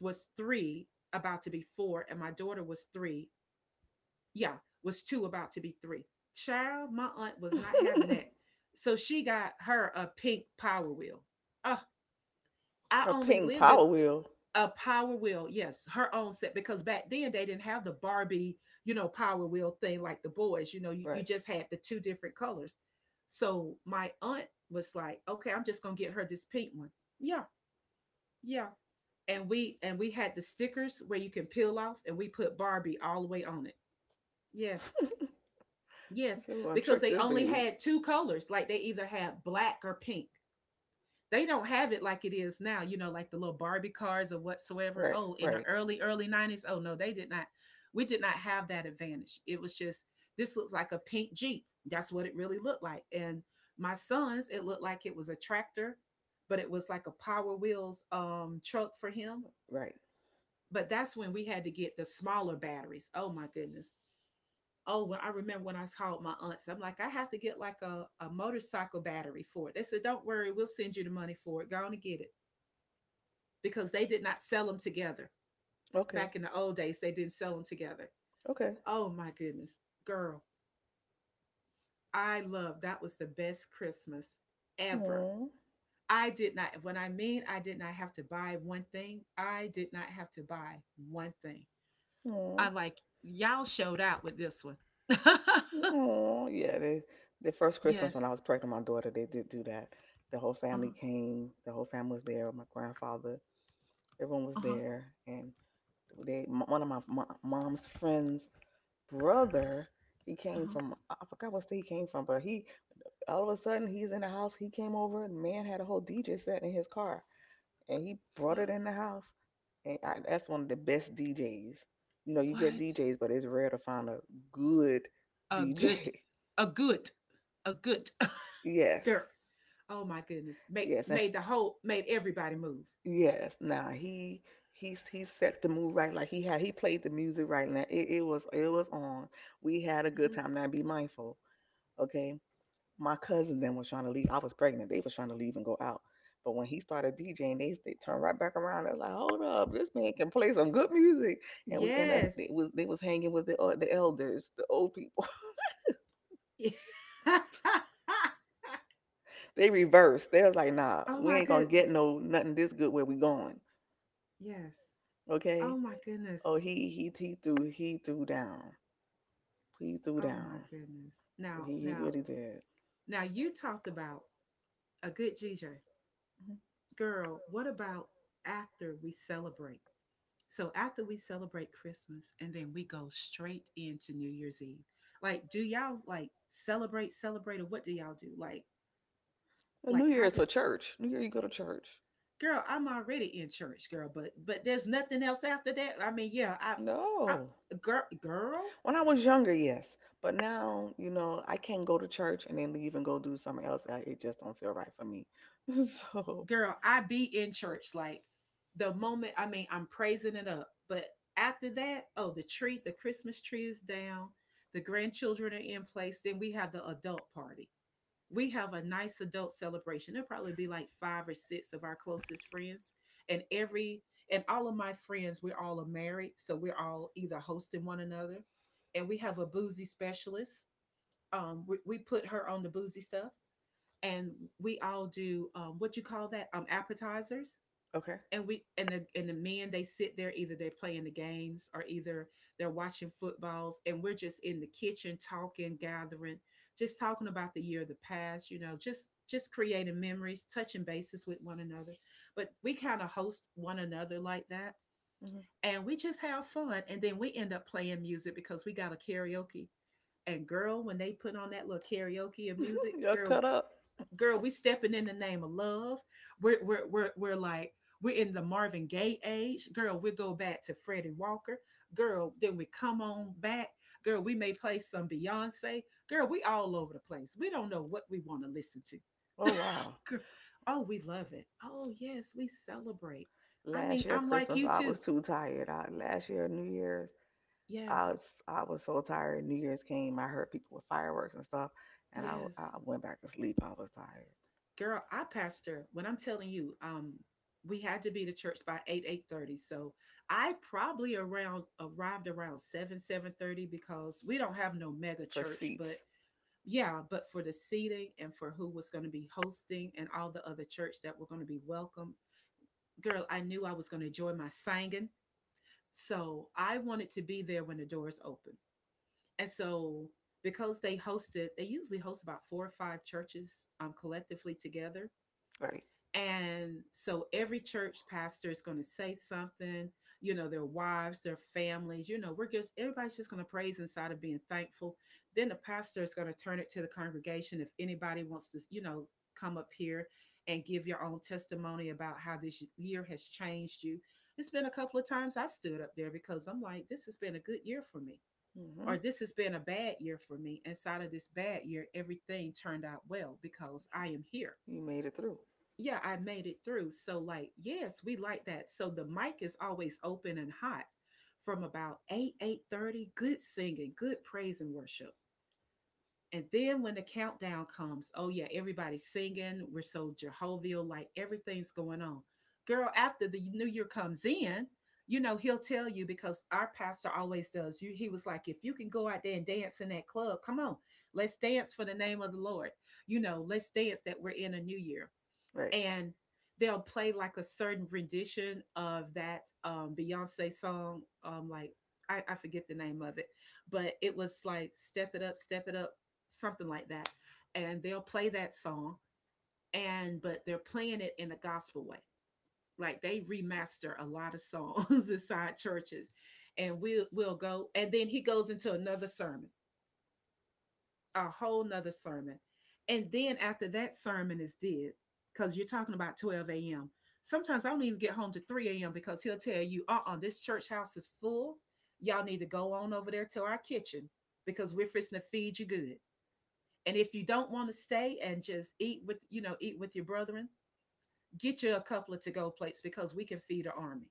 was three, about to be four, and my daughter was three, yeah, was two, about to be three. Child, my aunt was not having that. So she got her a pink power wheel. Uh, A I only pink lived power in wheel. a power wheel, yes, her own set because back then they didn't have the Barbie, you know, power wheel thing like the boys. You know, you, Right. you just had the two different colors. So my aunt was like, okay, I'm just gonna get her this pink one. Yeah, yeah. And we had the stickers where you can peel off and we put Barbie all the way on it. Yes. He Yes, said, we're gonna because trick they this only baby. had two colors. Like they either had black or pink. They don't have it like it is now, you know, like the little Barbie cars or whatsoever. Right, Oh, in the right, early, early 90s. Oh, no, they did not. We did not have that advantage. It was just, this looks like a pink Jeep. That's what it really looked like. And my son's, it looked like it was a tractor, but it was like a Power Wheels truck for him. right. But that's when we had to get the smaller batteries. Oh, my goodness. Oh, when I remember when I called my aunts, I'm like, I have to get like a motorcycle battery for it. They said, don't worry, we'll send you the money for it. Go on and get it. Because they did not sell them together. Okay, Back in the old days, they didn't sell them together. okay. Oh my goodness. Girl, I love that was the best Christmas ever. Aw, I did not, when I mean I did not have to buy one thing, I did not have to buy one thing. aw, I'm like, y'all showed out with this one. aw. Yeah, the first Christmas when Yes. I was pregnant with my daughter, they did do that. The whole Uh family huh. came, the whole family was there, my grandfather, everyone was Uh huh. there. And one of my mom's friends' brother, he Uh came huh. from, I forgot what state he came from, but he, all of a sudden, he's in the house, he came over, and the man had a whole DJ set in his car, and he brought it What? in the house. And that's one of the best DJs. You know, you get What DJs, but it's rare to find a good a good, DJ. a good, a good Yes, girl. Oh my goodness, made yes, made the whole made everybody move. yes. Now he set the mood right. Like he played the music right. Now it was on. We had a Mhm. good time. Now be mindful, okay? My cousin then was trying to leave. I was pregnant. They was trying to leave and go out. But when he started DJing, they turned right back around. I was like, "Hold up, this man can play some good music." And we end up Yes. they was hanging with the elders, the old people. They reversed. They was like, "Nah, Oh my we ain't gonna get goodness. no nothing this good where we going." Yes. Oh Okay. my goodness. Oh, he threw down. He threw Oh my down. goodness. Now, He now, really did. now, you talked about a good GJ girl. What about after we celebrate? So after we celebrate Christmas and then we go straight into New Year's Eve. Like, do y'all like celebrate, or what do y'all do? Mhm. Like New how Year is for does. church. New Year you go to church. Girl, I'm already in church, girl, but there's nothing else after that. I mean, yeah, I No. girl girl, When I was younger, yes, but now, I can't go to church and then leave and go do something else. It just don't feel right for me. So, girl, I be in church. Like the moment, I mean, I'm praising it up. But after that, oh, the tree, the Christmas tree is down, the grandchildren are in place, then we have the adult party, we have a nice adult celebration. There'll probably be like five or six of our closest friends. And every and all of my friends, we're all married. So we're all either hosting one another. And we have a boozy specialist. We put her on the boozy stuff. And we all do what you call that? Appetizers, okay. and we and the men, they sit there either they're playing the games or either they're watching footballs, and we're just in the kitchen talking, gathering, just talking about the year of the past, you know, just creating memories, touching bases with one another, but we kind of host one another like that. Hmm. And we just have fun, and then we end up playing music because we got a karaoke. And girl, when they put on that little karaoke and music, You're girl, cut up. girl, we stepping in the name of love. We're like we're in the Marvin Gaye age, girl. We go back to Freddie Walker, girl. Then we come on back, girl. We may play some Beyonce, girl. We all over the place. We don't know what we want to listen to. Oh wow! Gir- oh, we love it. Oh yes, we celebrate. I mean, Last year I'm like you Christmas, I too. was too tired. Last year New Year's, Yes, I was I was so tired. New Year's came, I heard people with fireworks and stuff, and I yes. I went back to sleep. I was tired. Girl, I pastor, when I'm telling you, we had to be to church by 8 8:30. So I probably around arrived around 7 7:30 because we don't have no mega For church, seats, but yeah, but for the seating and for who was going to be hosting and all the other church that were going to be welcome, girl, I knew I was going to enjoy my singing, so I wanted to be there when the doors open. And so because they usually host about 4 or 5 churches collectively together. right? And so every church pastor is going to say something, you know, their wives, their families, you know, we're just, everybody's just going to praise inside of being thankful. Then the pastor is going to turn it to the congregation. If anybody wants to, you know, come up here and give your own testimony about how this year has changed you. It's been a couple of times I stood up there because I'm like, this has been a good year for me, Hmm. or this has been a bad year for me. Inside of this bad year, everything turned out well because I am here. You made it through, Yeah, I made it through. So, like, yes, we like that. So the mic is always open and hot from about 8, 8:30. Good singing, good praise and worship. And then when the countdown comes, oh yeah, everybody's singing. We're so Jehovial, like everything's going on. Girl, after the new year comes in, you know, he'll tell you because our pastor always does. You He was like, if you can go out there and dance in that club, come on, let's dance for the name of the Lord. You know, let's dance that we're in a new year. right? And they'll play like a certain rendition of that Beyonce song, like I forget the name of it, but it was like "Step It Up, Step It Up," something like that, and they'll play that song, and but they're playing it in a gospel way. Like they remaster a lot of songs inside churches, and we'll go, and then he goes into another sermon, a whole nother sermon. And then after that sermon is did, because you're talking about 12 a.m. Sometimes I don't even get home to 3 a.m. because he'll tell you, this church house is full. Y'all need to go on over there to our kitchen because we're fixing to feed you good. And if you don't want to stay and just eat with, you know, eat with your brethren, get you a couple of to-go plates because we can feed an army.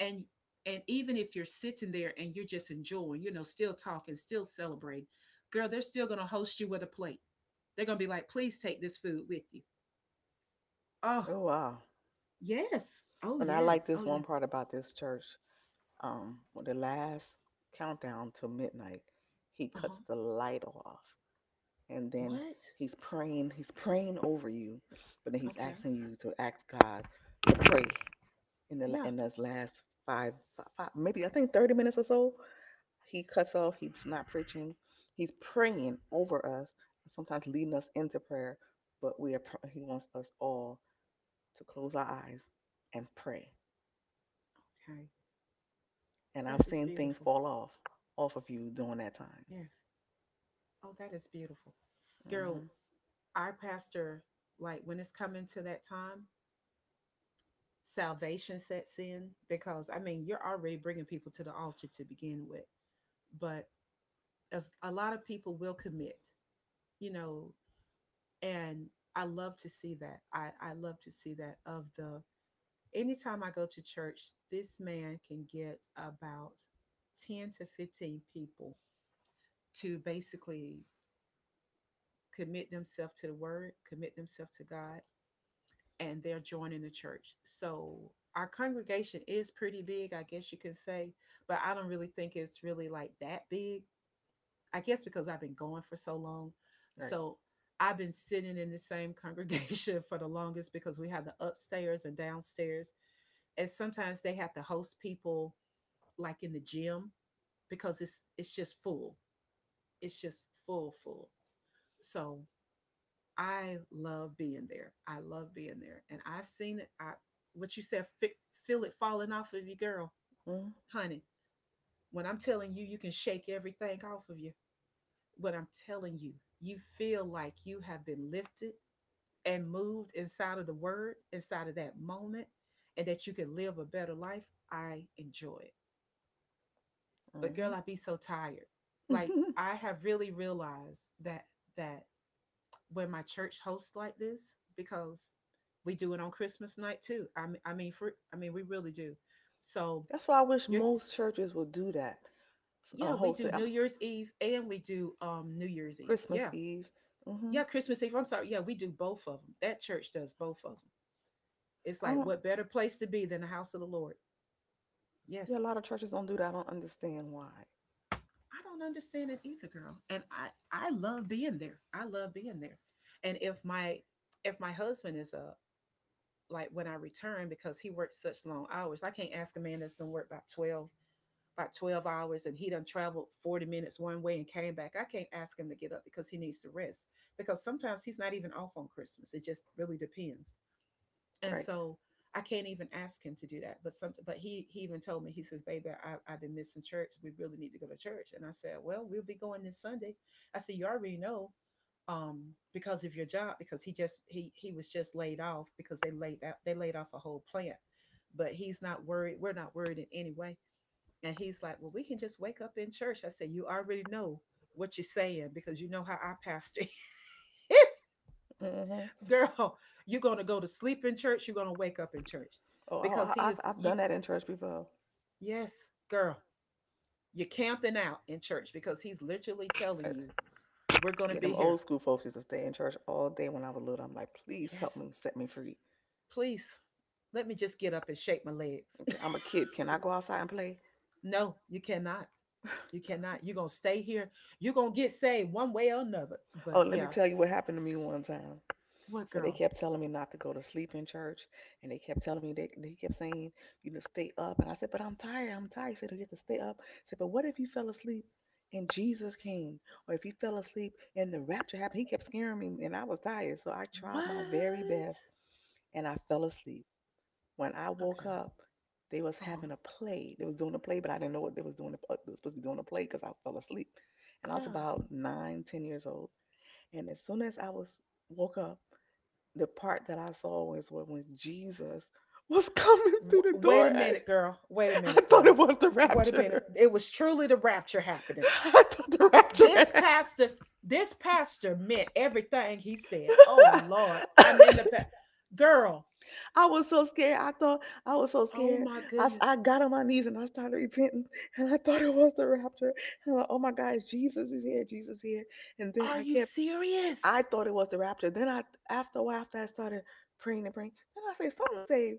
And and even if you're sitting there and you're just enjoying, you know, still talking, still celebrating, girl, they're still going to host you with a plate. They're going to be like, please take this food with you. Oh Oh wow! yes, oh And I like yes, oh this one yes. part about this church. When the last countdown to midnight, he cuts Uh-huh. the light off, and then What? he's praying. He's praying over you, but then he's Okay. asking you to ask God to pray Yeah. in those last five maybe, I think, 30 minutes or so. He cuts off. He's not preaching. He's praying over us, sometimes leading us into prayer. But we are. He wants us all to close our eyes and pray. Okay, And that I've is seen things beautiful. fall off of you during that time. Yes. Oh, that is beautiful, girl. Hmm. Our pastor, like when it's coming to that time, salvation sets in because I mean you're already bringing people to the altar to begin with, but as a lot of people will commit, you know, and I love to see that. I love to see that of the, anytime I go to church, this man can get about 10 to 15 people to basically commit themselves to the word, commit themselves to God, and they're joining the church. So our congregation is pretty big, I guess you can say, but I don't really think it's really like that big. I guess because I've been going for so long. Right. So I've been sitting in the same congregation for the longest because we have the upstairs and downstairs. And sometimes they have to host people like in the gym because it's just full. It's just full, full. So I love being there. I love being there. And I've seen it. I what you said, fi- Feel it falling off of you, girl. Honey, when I'm telling you, you can shake everything off of you. What I'm telling you, you feel like you have been lifted and moved inside of the word, inside of that moment, and that you can live a better life. I enjoy it. But girl, Mm-hmm. I be so tired. Like I have really realized that that when my church hosts like this, because we do it on Christmas night too. I mean, we really do. So That's why I wish you're, most churches would do that. Yeah, we Host do it New Year's Eve and we do New Year's Eve. Christmas Yeah, Eve. Hmm. yeah, Christmas Eve. I'm sorry. Yeah, we do both of them. That church does both of them. It's I like, don't. what better place to be than the house of the Lord? Yeah, a Yes. lot of churches don't do that. I don't understand why. I don't understand it either, girl. And I love being there. I love being there. And if my husband is up, like when I return because he works such long hours, I can't ask a man that's done work about 12 about 12 hours and he done traveled 40 minutes one way and came back. I can't ask him to get up because he needs to rest. Because sometimes he's not even off on Christmas. It just really depends, and Right. so I can't even ask him to do that. But he even told me. He says, "Baby, I've been missing church. We really need to go to church." And I said, "Well, we'll be going this Sunday." I said, "You already know because of your job," because he was just laid off, because they laid off a whole plant, but he's not worried. We're not worried in any way." And he's like, "Well, we can just wake up in church." I said, "You already know what you're saying, because you know how our pastor is." Hmm. Girl, you're going to go to sleep in church, you're going to wake up in church, Oh, I, because I, he I've is, I've you— done that in church before. yes, girl, you're camping out in church because he's literally Uh, telling you we're going to Yeah, be them here. old school folks used to stay in church all day when I was little. I'm like, please help Yes, me, set me free. please, let me just get up and shake my legs. Okay, I'm a kid. Can I go outside and play? No, you cannot, you cannot. You're going to stay here. You're going to get saved one way or another. Oh, But let me yeah. tell you what happened to me one time. What, So they girl? kept telling me not to go to sleep in church, and they kept telling me they kept saying stay up, and I said, but I'm tired, I'm tired. He said, "No, you have to stay up." I said, but what if you fell asleep and Jesus came, or if you fell asleep and the rapture happened? He kept scaring me, and I was tired, so I tried my very What? best, and I fell asleep. When I woke Okay. up, they was Uh-huh. having a play. They was doing a play, but I didn't know what they was doing. They was supposed to be doing a play because I fell asleep, and I was Yeah. about 9, 10 years old. And as soon as I was woke up, the part that I saw was when Jesus was coming through the Wait a door. minute, girl. Wait a I minute, thought it girl. was the Wait a minute. rapture. It was truly the rapture happening. I thought Uh, the rapture. This pastor, this pastor meant everything he said. Oh Lord, I'm in the girl. I was so scared. I thought I was so Oh scared. my I goodness. got on my knees and I started repenting. And I thought it was the rapture. And I'm like, oh my gosh, Jesus is here. Jesus is here. And then Are you serious? I thought it was the rapture. After a while, after I started praying and praying, then something said,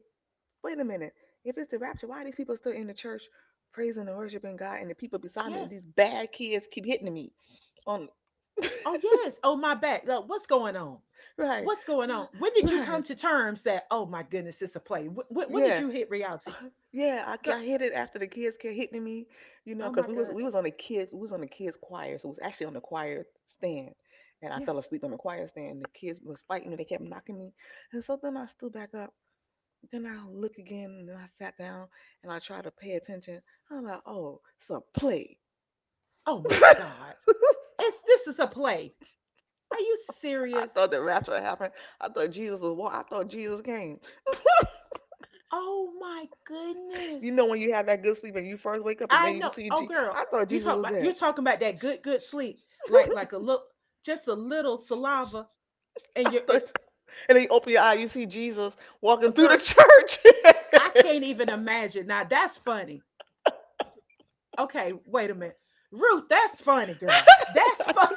wait a minute. If it's the rapture, why are these people still in the church praising and worshiping God and the people beside me, these Yes. bad kids keep hitting me on. Oh yes. Oh my back. Look, what's going on? Right. What's going So- on? When did you come Right. to terms that, oh my goodness, it's a play? When did Yeah, you hit reality, yeah, I, girl? I hit it after the kids kept hitting me, Oh because my god. we was on the kids we was on the kids choir, so it was actually on the choir stand, and I fell Yes. asleep on the choir stand. The kids was fighting me, they kept knocking me, and so then I stood back up. Then I look again, and then I sat down, and I tried to pay attention. I'm like, oh, it's a play. Oh my I god. It's this is a play. Are you serious? thought the rapture happened. I thought Jesus was. I thought Jesus came. Oh my You goodness. know when you have that good sleep and you first wake up and I then you know. see Oh girl, I thought you Jesus talk was about there. you're talking about that good good sleep. Like a look, just a little saliva, I and you're thought, it, and then you open your eye, you see Jesus walking through the girl. church. I can't even imagine. Now that's funny. Okay, wait a minute. Ruth, that's funny, girl. That's fun.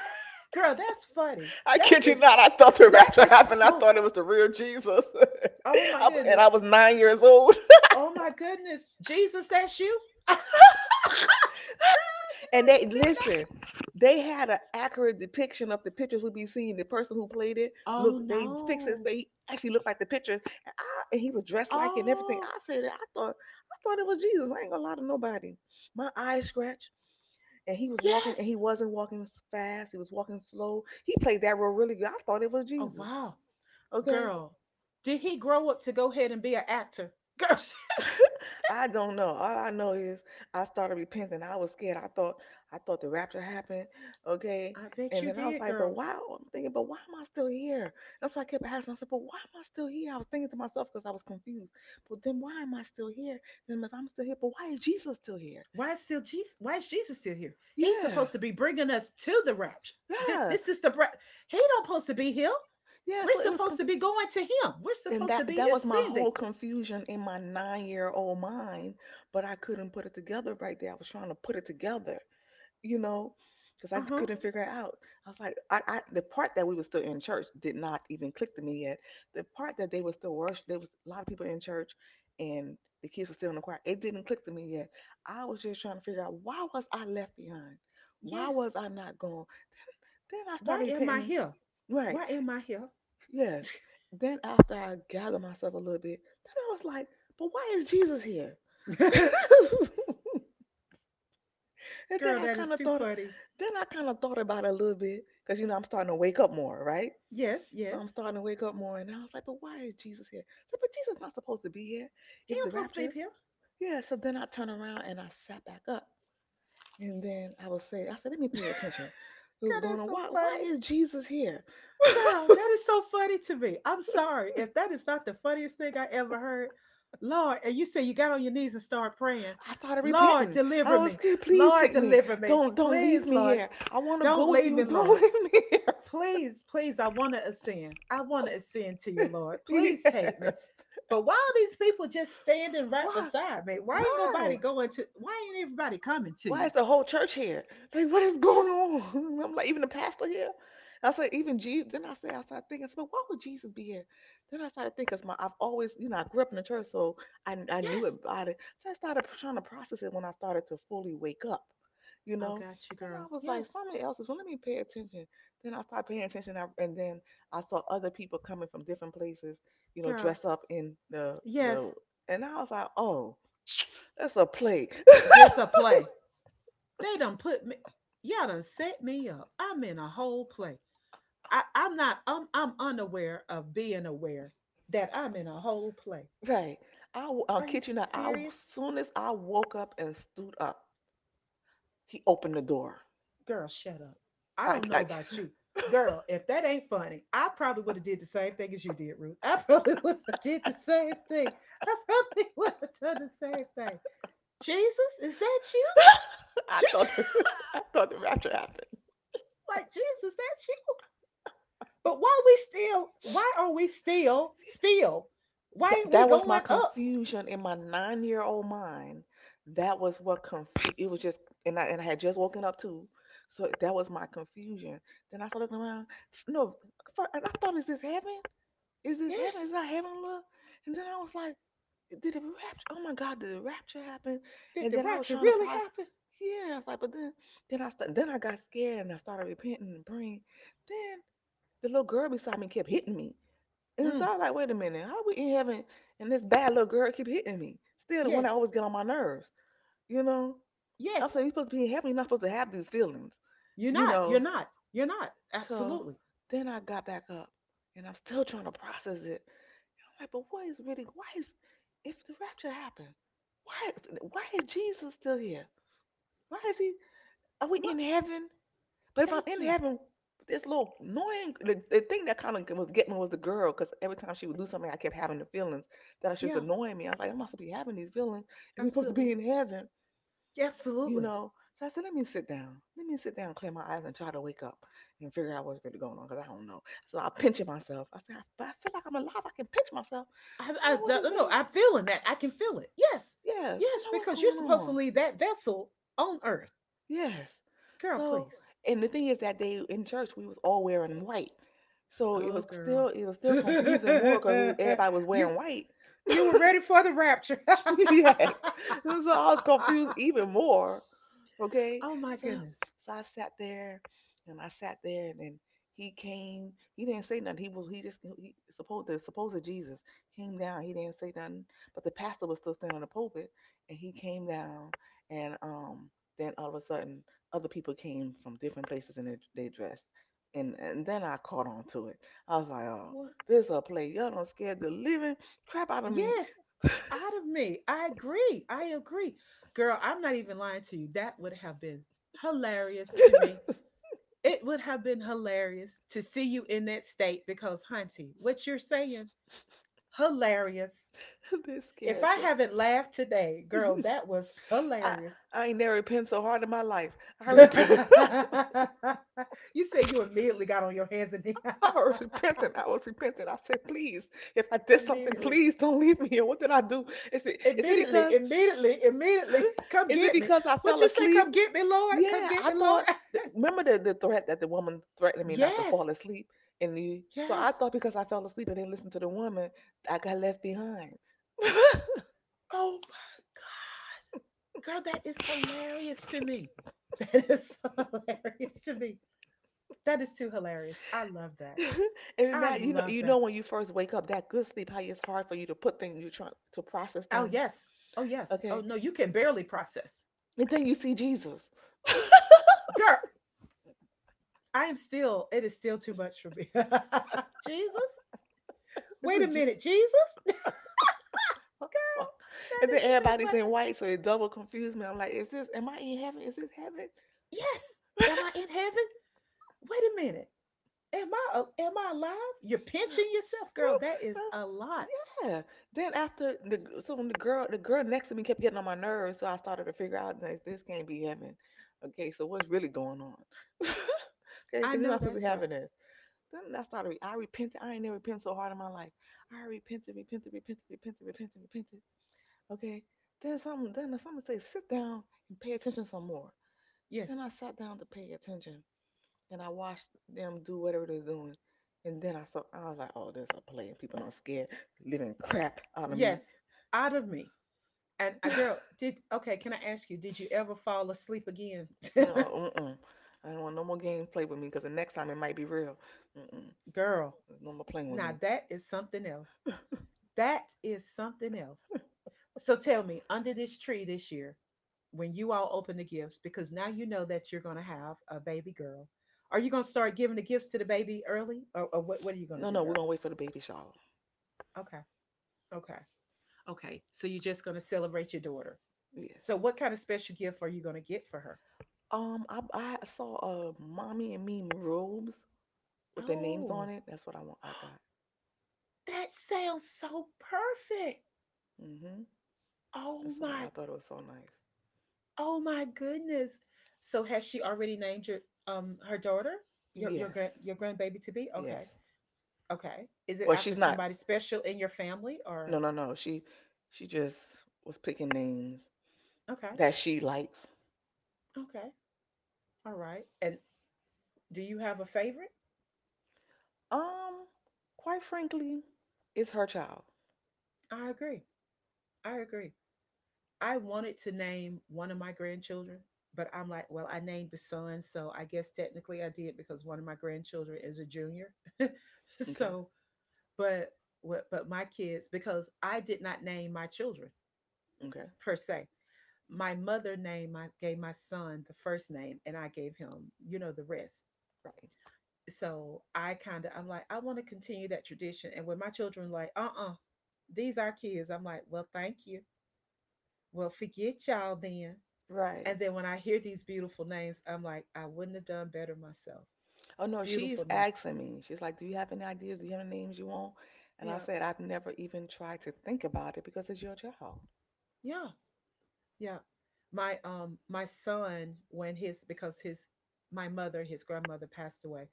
Girl, that's funny. I That kid you is not. I thought the that rapture is happened. I so, thought it was the real Jesus. oh my And goodness. I was 9 years old. Oh my goodness. Jesus, that's you? You And they did listen, they had an accurate depiction of the pictures we be seeing. The person who played it, not. Oh look, they fixed his no. face. He actually looked like the picture, I, and he was dressed like it and everything. Oh, I said, I thought it was Jesus. I ain't gonna lie to nobody. My eyes scratched, and he was walking, and yes! he wasn't walking fast. He was walking slow. He played that role really good. I thought it was Oh, Jesus. wow. Okay. Girl, did he grow up to go ahead and be an actor? Girl, I don't know. All I know is I started repenting. I was scared. I thought the rapture happened. Okay. I bet And you then I was did, like, but girl. why? I'm thinking, but why am I still here? That's why I kept asking. I said, but why am I still here? I was thinking to myself because I was confused. But then why am I still here? Then if I'm still here, but why is Jesus still here? Why is still Jesus? Why is Jesus still here? He's Yeah. supposed to be bringing us to the rapture. This, Yeah. this is the he don't supposed to be here. Yeah. We're supposed to be going to him. We're And supposed that to be that was my ascending. whole confusion in my 9-year-old old mind, but I couldn't put it together right there. I was trying to put it together. you know, because I Uh huh. couldn't figure it out. I was like, I the part that we were still in church did not even click to me yet. The part that they were still worship, there was a lot of people in church, and the kids were still in the choir. It didn't click to me yet. I was just trying to figure out, why was I left behind? Why Yes. was I not gone? Then I started Why am I repenting. here? Right. Why am I here? Yes. Then after I gathered myself a little bit, then I was like, but why is Jesus here? And then Girl, I that is kind of too thought, funny. then I kind of thought about it a little bit because you know I'm starting to wake up more, right? Yes, So I'm yes. starting to wake up more, and I was like, but why is Jesus here? I said, but Jesus not supposed to be here He if don't the supposed to rapture. be here. Yeah. So then I turned around and I sat back up, and then I was saying, I said, let me pay attention. It was Girl, going that's on. so Why? Why funny. is Jesus here? Girl, that is so funny to me. I'm sorry. If that is not the funniest thing I ever heard, Lord. And you say you got on your knees and start praying, I started Lord, repenting. I deliver was me. scared. Please Lord, take me. deliver me. Don't leave Please, me Lord, here. I want to go don't with leave you. me, Lord. Don't leave me here. Please, please, I want to ascend. I want to ascend to you, Lord. Please Yes. take me. But why are these people just standing right Why? beside me? Why ain't nobody Why? going to, why ain't everybody coming to Why you? is the whole church here? Like, what is going Yes, on? I'm like, even the pastor here. And I said, even Jesus. Then I said, I started thinking, I said, "Well, why would Jesus be here?" Then I started thinking, cause I've always, I grew up in the church, so I knew yes. about it. So I started trying to process it when I started to fully wake up, you I know. got you, Then I girl. was like, Yes, well, let me pay attention. Then I started paying attention, and then I saw other people coming from different places, girl. dressed up in the, Yes, and I was like, oh, that's a play. this a play. They done put me, y'all done set me up. I'm in a whole play. I, I'm not, I'm unaware of being aware that I'm in a whole play. Right. Are you Kid you not. I serious? soon as I woke up and stood up, he opened the door. Girl, shut up. I I don't know like, about you. Girl, if that ain't funny, I probably would have did the same thing as you did, Ruth. I probably would have did the same thing. I probably would have done the same thing. Jesus, is that you? I Jesus, thought the. I thought the rapture happened. like Jesus, that's you. But why we still? Why are we still still? Why That ain't we that was my going up? confusion in my 9-year-old old mind. That was what confused. It was just and I had just woken up too, so that was my confusion. Then I started looking around. No, and I thought, is this heaven? Is this heaven? Yes. Is that heaven? Look. And then I was like. Did the rapture? Oh my God! Did the rapture happen? Did And the then I was rapture trying to really process. happen? Yeah, I was like, but then I got scared and I started repenting and praying. Then the little girl beside me kept hitting me, and so Mm, I was like, wait a minute, how we in heaven and this bad little girl keep hitting me? Still the one yes. that always get on my nerves, you know. I'm Yes. saying you're supposed to be in heaven, you're not supposed to have these feelings, You're you not. You're know. not. You're not. So Absolutely. then I got back up, and I'm still trying to process it. Right, but what is really why is if the rapture happened, why why is Jesus still here? Why is he? Are we What? in heaven? But if I'm Thank in you. heaven, this little annoying the thing that kind of was getting me was the girl because every time she would do something, I kept having the feelings that she was Yeah. annoying me. I was like, I'm not supposed to be having these feelings if we're supposed to be Absolutely. in heaven, you Absolutely. know. So I said, let me sit down. Let me sit down, clear my eyes, and try to wake up and figure out what's really going on because I don't know. So I pinch myself. I said, I feel like I'm alive. I can pinch myself. I, I'm I, I like, what is don't know. really? I'm feeling that. I can feel it. Yes. Yes, I am Yes. like, what's Because you're going supposed to on. leave that vessel on Earth, Yes. girl. So, Please. and the thing is that they in church we was all wearing white, so it Oh, was girl. still it was still confusing more because everybody was you wearing white. you were ready for the rapture. Yes. So I was confused even more. Okay. Oh my So goodness. so I sat there and I sat there and then he came. He didn't say nothing. He was he just he supposed the supposed Jesus came down. He didn't say nothing. But the pastor was still standing on the pulpit and he came down and then all of a sudden other people came from different places and they dressed. And then I caught on to it. I was like, oh, What? this a play. Y'all don't scare the living crap out of me. Yes, out of me. I agree. I agree. Girl, I'm not even lying to you. That would have been hilarious to me. It would have been hilarious to see you in that state because, Hunty, what you're saying, hilarious. They If scared I the. haven't laughed today, girl, that was I hilarious. I ain't never repented so hard in my life. I repent. You said you immediately got on your hands and knees. I was repenting. I was repenting. I said, please, if I did something, Immediately. please don't leave me here. What did I do? Is it is it Immediately, because immediately, immediately, come is it get me. because I What fell you say? asleep? Come get me, Lord. Come Yeah, get I me, Lord. thought. Remember the threat that the woman threatened me not to Yes, fall asleep, so I yes. thought because I fell asleep and didn't listen to the woman, I got left behind. Oh my God. Girl, that is hilarious to me. That is so hilarious to me. That is too hilarious. I love that. And I imagine, love you know that. when you first wake up, that good sleep, how it's hard for you to put things, you trying to process Oh, things, yes. Oh, yes. Oh, okay? no, you can barely process. And then you see Jesus. Girl, I am still, it is still too much for me. Jesus. this Wait a is Je- minute. Jesus? That and then is too everybody's much. in white, so it double confused me. I'm like, is this? Am I in heaven? Is this heaven? Yes. Am I in heaven? Wait a minute. Am I alive? You're pinching yourself, girl. That is a lot. Yeah. Then after the so when the girl next to me kept getting on my nerves, so I started to figure out like this can't be heaven. Okay, so what's really going on? Okay, I because you're not know supposed to be that's right. having this. Then I started. I repented. I ain't never repented so hard in my life. I repented, repented, repented, repented, repented, repented. Okay. Then someone say, sit down and pay attention some more. Then Yes. I sat down to pay attention, and I watched them do whatever they're doing. And then I saw. I was like, oh, this is a play. People don't scared living crap out of me. Yes. Out of me. And a girl, did, okay, can I ask you, did you ever fall asleep again? No. Mm-mm. I don't want no more game play with me because the next time it might be real. Mm-mm. Girl, No more playing with now me. that is something else. That is something else. So tell me, under this tree this year, when you all open the gifts, because now you know that you're gonna have a baby girl. Are you gonna start giving the gifts to the baby early? Or what are you gonna No, do, no. We're girl? gonna wait for the baby shower. Okay. Okay. Okay, so you're just going to celebrate your daughter. Yes. So, what kind of special gift are you going to get for her? I saw mommy and me robes with the names on Oh, it. That's what I want. I got. that sounds so perfect. Mhm. Oh That's what I. I my, thought it was so nice. oh my goodness. So, has she already named your her daughter, your Yes. grand your grandbaby to be? Yes. Okay, okay. Is it Well, she's after not. somebody special in your family No, or? no, no. She just was picking names Okay, that she likes. okay, all right. And do you have a favorite? Um, Quite frankly, it's her child. I agree. I agree. I wanted to name one of my grandchildren, but I'm like, well, I named the son, so I guess technically I did because one of my grandchildren is a junior. Okay. So, but but my kids, because I did not name my children Okay. per se. My mother named my gave my son the first name, and I gave him, you know, the rest. Right. So I kind of I'm like, I want to continue that tradition. And when my children like, "Uh-uh, these are kids." I'm like, "Well, thank you." Well, forget y'all then. Right. And then when I hear these beautiful names, I'm like, I wouldn't have done better myself. Oh no, she's Beautiful names. asking me. She's like, "Do you have any ideas? Do you have any names you want?" And I Yeah. said, "I've never even tried to think about it because it's your child." Yeah. Yeah. My my son, when his, because his, my mother, his grandmother passed away,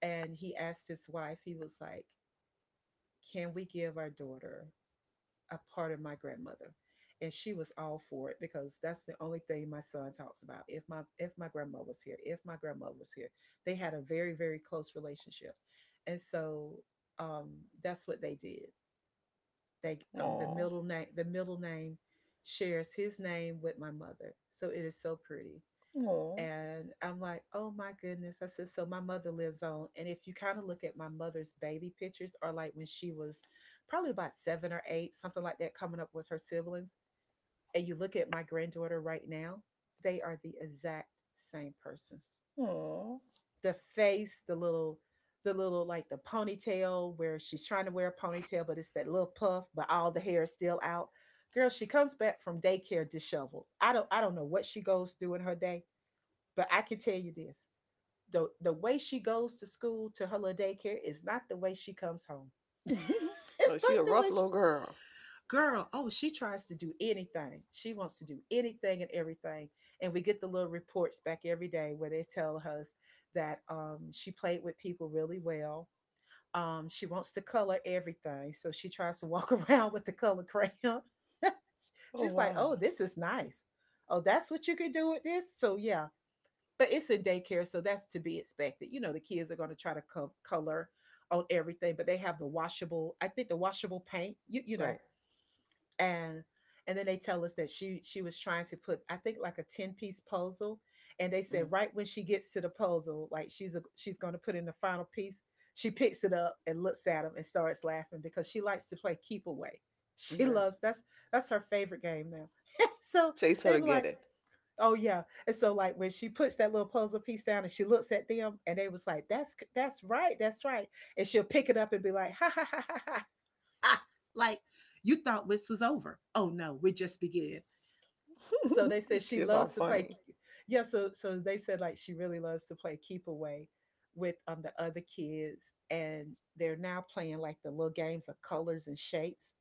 and he asked his wife. He was like, can we give our daughter a part of my grandmother? And she was all for it, because that's the only thing my son talks about. If my if my grandma was here, if my grandma was here. They had a very very close relationship. And so, um that's what they did. They, the Aw. middle name, the middle name shares his name with my mother. So it is so pretty. Oh, And I'm like, oh my goodness. I said, so my mother lives on. And if you kind of look at my mother's baby pictures, or like when she was probably about 7 or 8, something like that, coming up with her siblings, and you look at my granddaughter right now, they are the exact same person. oh. The face, the little, the little, like the ponytail where she's trying to wear a ponytail, but it's that little puff, but all the hair is still out. Girl, she comes back from daycare disheveled. I don't know what she goes through in her day, but I can tell you this, the way she goes to school, to her little daycare, is not the way she comes home. Oh, It's she a not the rough way little she, girl. girl. Oh, she tries to do anything. She wants to do anything and everything. And we get the little reports back every day, where they tell us that, she played with people really well. She wants to color everything, so she tries to walk around with the color crayon. Oh She's like, wow. "Oh, this is nice. Oh, that's what you could do with this." So yeah, but it's a daycare, so that's to be expected. You know, the kids are going to try to color on everything, but they have the washable. I think the washable paint. You Right. know, and and then they tell us that she was trying to put, I think, like a 10-piece puzzle, and they Hmm. said right when she gets to the puzzle, like she's a, she's going to put in the final piece. She picks it up and looks at him and starts laughing because she likes to play keep away. She Okay. loves that's her favorite game now. So Chase her to they were get like, it. "Oh yeah." And so like when she puts that little puzzle piece down and she looks at them and they was like, That's right, that's right." And she'll pick it up and be like, "ha ha ha ha ha. Ha." Like you thought this was over. Oh no, we just began. So they These said she kids are loves to play, funny. yeah, so they said like she really loves to play keep away with the other kids, and they're now playing like the little games of colors and shapes,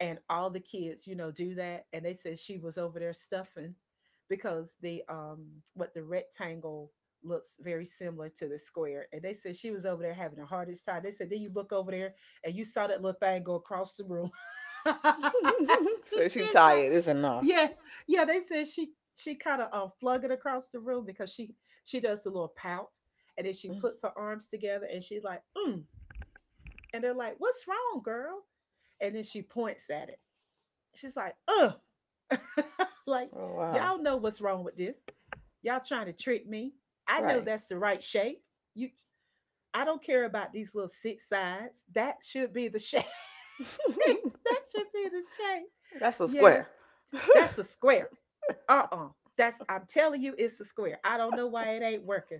and all the kids, do that. And they said she was over there stuffing because the rectangle looks very similar to the square. And they said she was over there having the hardest time. They said, then you look over there and you saw that little thing go across the room. She's So she like, tired. It's enough. yes, yeah. They said she kind of flung it across the room because she does the little pout, and then she Mm. puts her arms together and she's like, mm. And they're like, what's wrong, girl? And then she points at it. She's like, ugh. Like, Oh wow. y'all know what's wrong with this. Y'all trying to trick me. I Right. know that's the right shape. You I don't care about these little six sides. That should be the shape. That should be the shape. That's a square. Yes. That's a square. Uh-uh. That's I'm telling you it's a square. I don't know why it ain't working.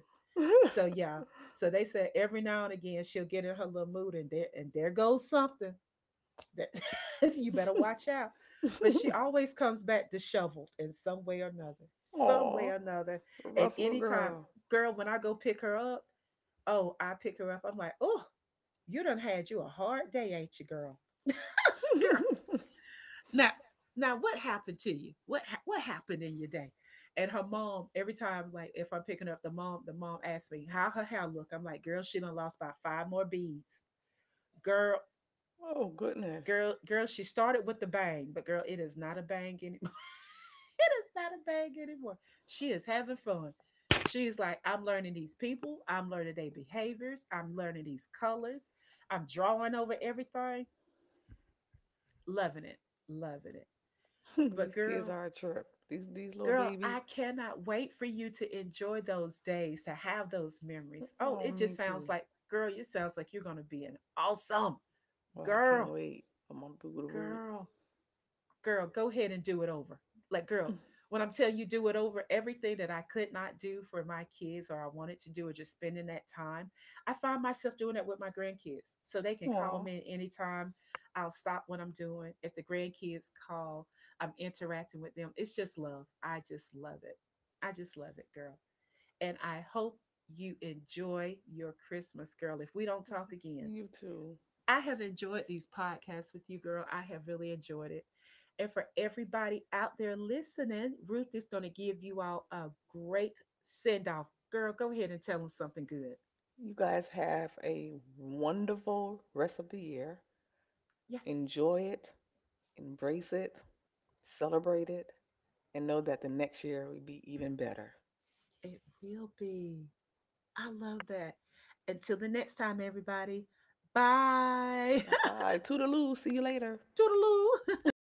So yeah. So they said every now and again she'll get in her little mood, and there goes something. That, you better watch out. But she always comes back disheveled in some way or another, some Aw, way or another. rough And little anytime, girl. girl, when I go pick her up, oh, I pick her up. I'm like, oh, you done had you a hard day, ain't you, girl? Girl, now, now, what happened to you? What happened in your day? And her mom, every time, like if I'm picking up the mom asks me how her hair look. I'm like, girl, she done lost about five more beads. Girl, Oh goodness. girl, girl, she started with the bang, but girl, it is not a bang anymore. It is not a bang anymore. She is having fun. She's like, I'm learning these people. I'm learning their behaviors. I'm learning these colors. I'm drawing over everything. Loving it. Loving it. These But kids are girl, a trip. These little girl, babies. I cannot wait for you to enjoy those days, to have those memories. Oh, Oh, it me just too. sounds like, girl, it sounds like you're going to be an awesome Well, I can't girl, wait for my boo girl. Girl, go ahead and do it over. Like, to boot. girl, when I'm telling you do it over, everything that I could not do for my kids or I wanted to do or just spending that time, I find myself doing that with my grandkids. So they can Aw, call me anytime. I'll stop what I'm doing. If the grandkids call, I'm interacting with them. It's just love. I just love it. I just love it, girl. And I hope you enjoy your Christmas, girl. If we don't talk again, you too. I have enjoyed these podcasts with you, girl. I have really enjoyed it. And for everybody out there listening, Ruth is going to give you all a great send off. Girl, go ahead and tell them something good. You guys have a wonderful rest of the year. Yes, Enjoy it, embrace it, celebrate it, and know that the next year will be even better. it will be. I love that. Until the next time, everybody. Bye. Bye bye. Toodaloo. See you later. Toodaloo.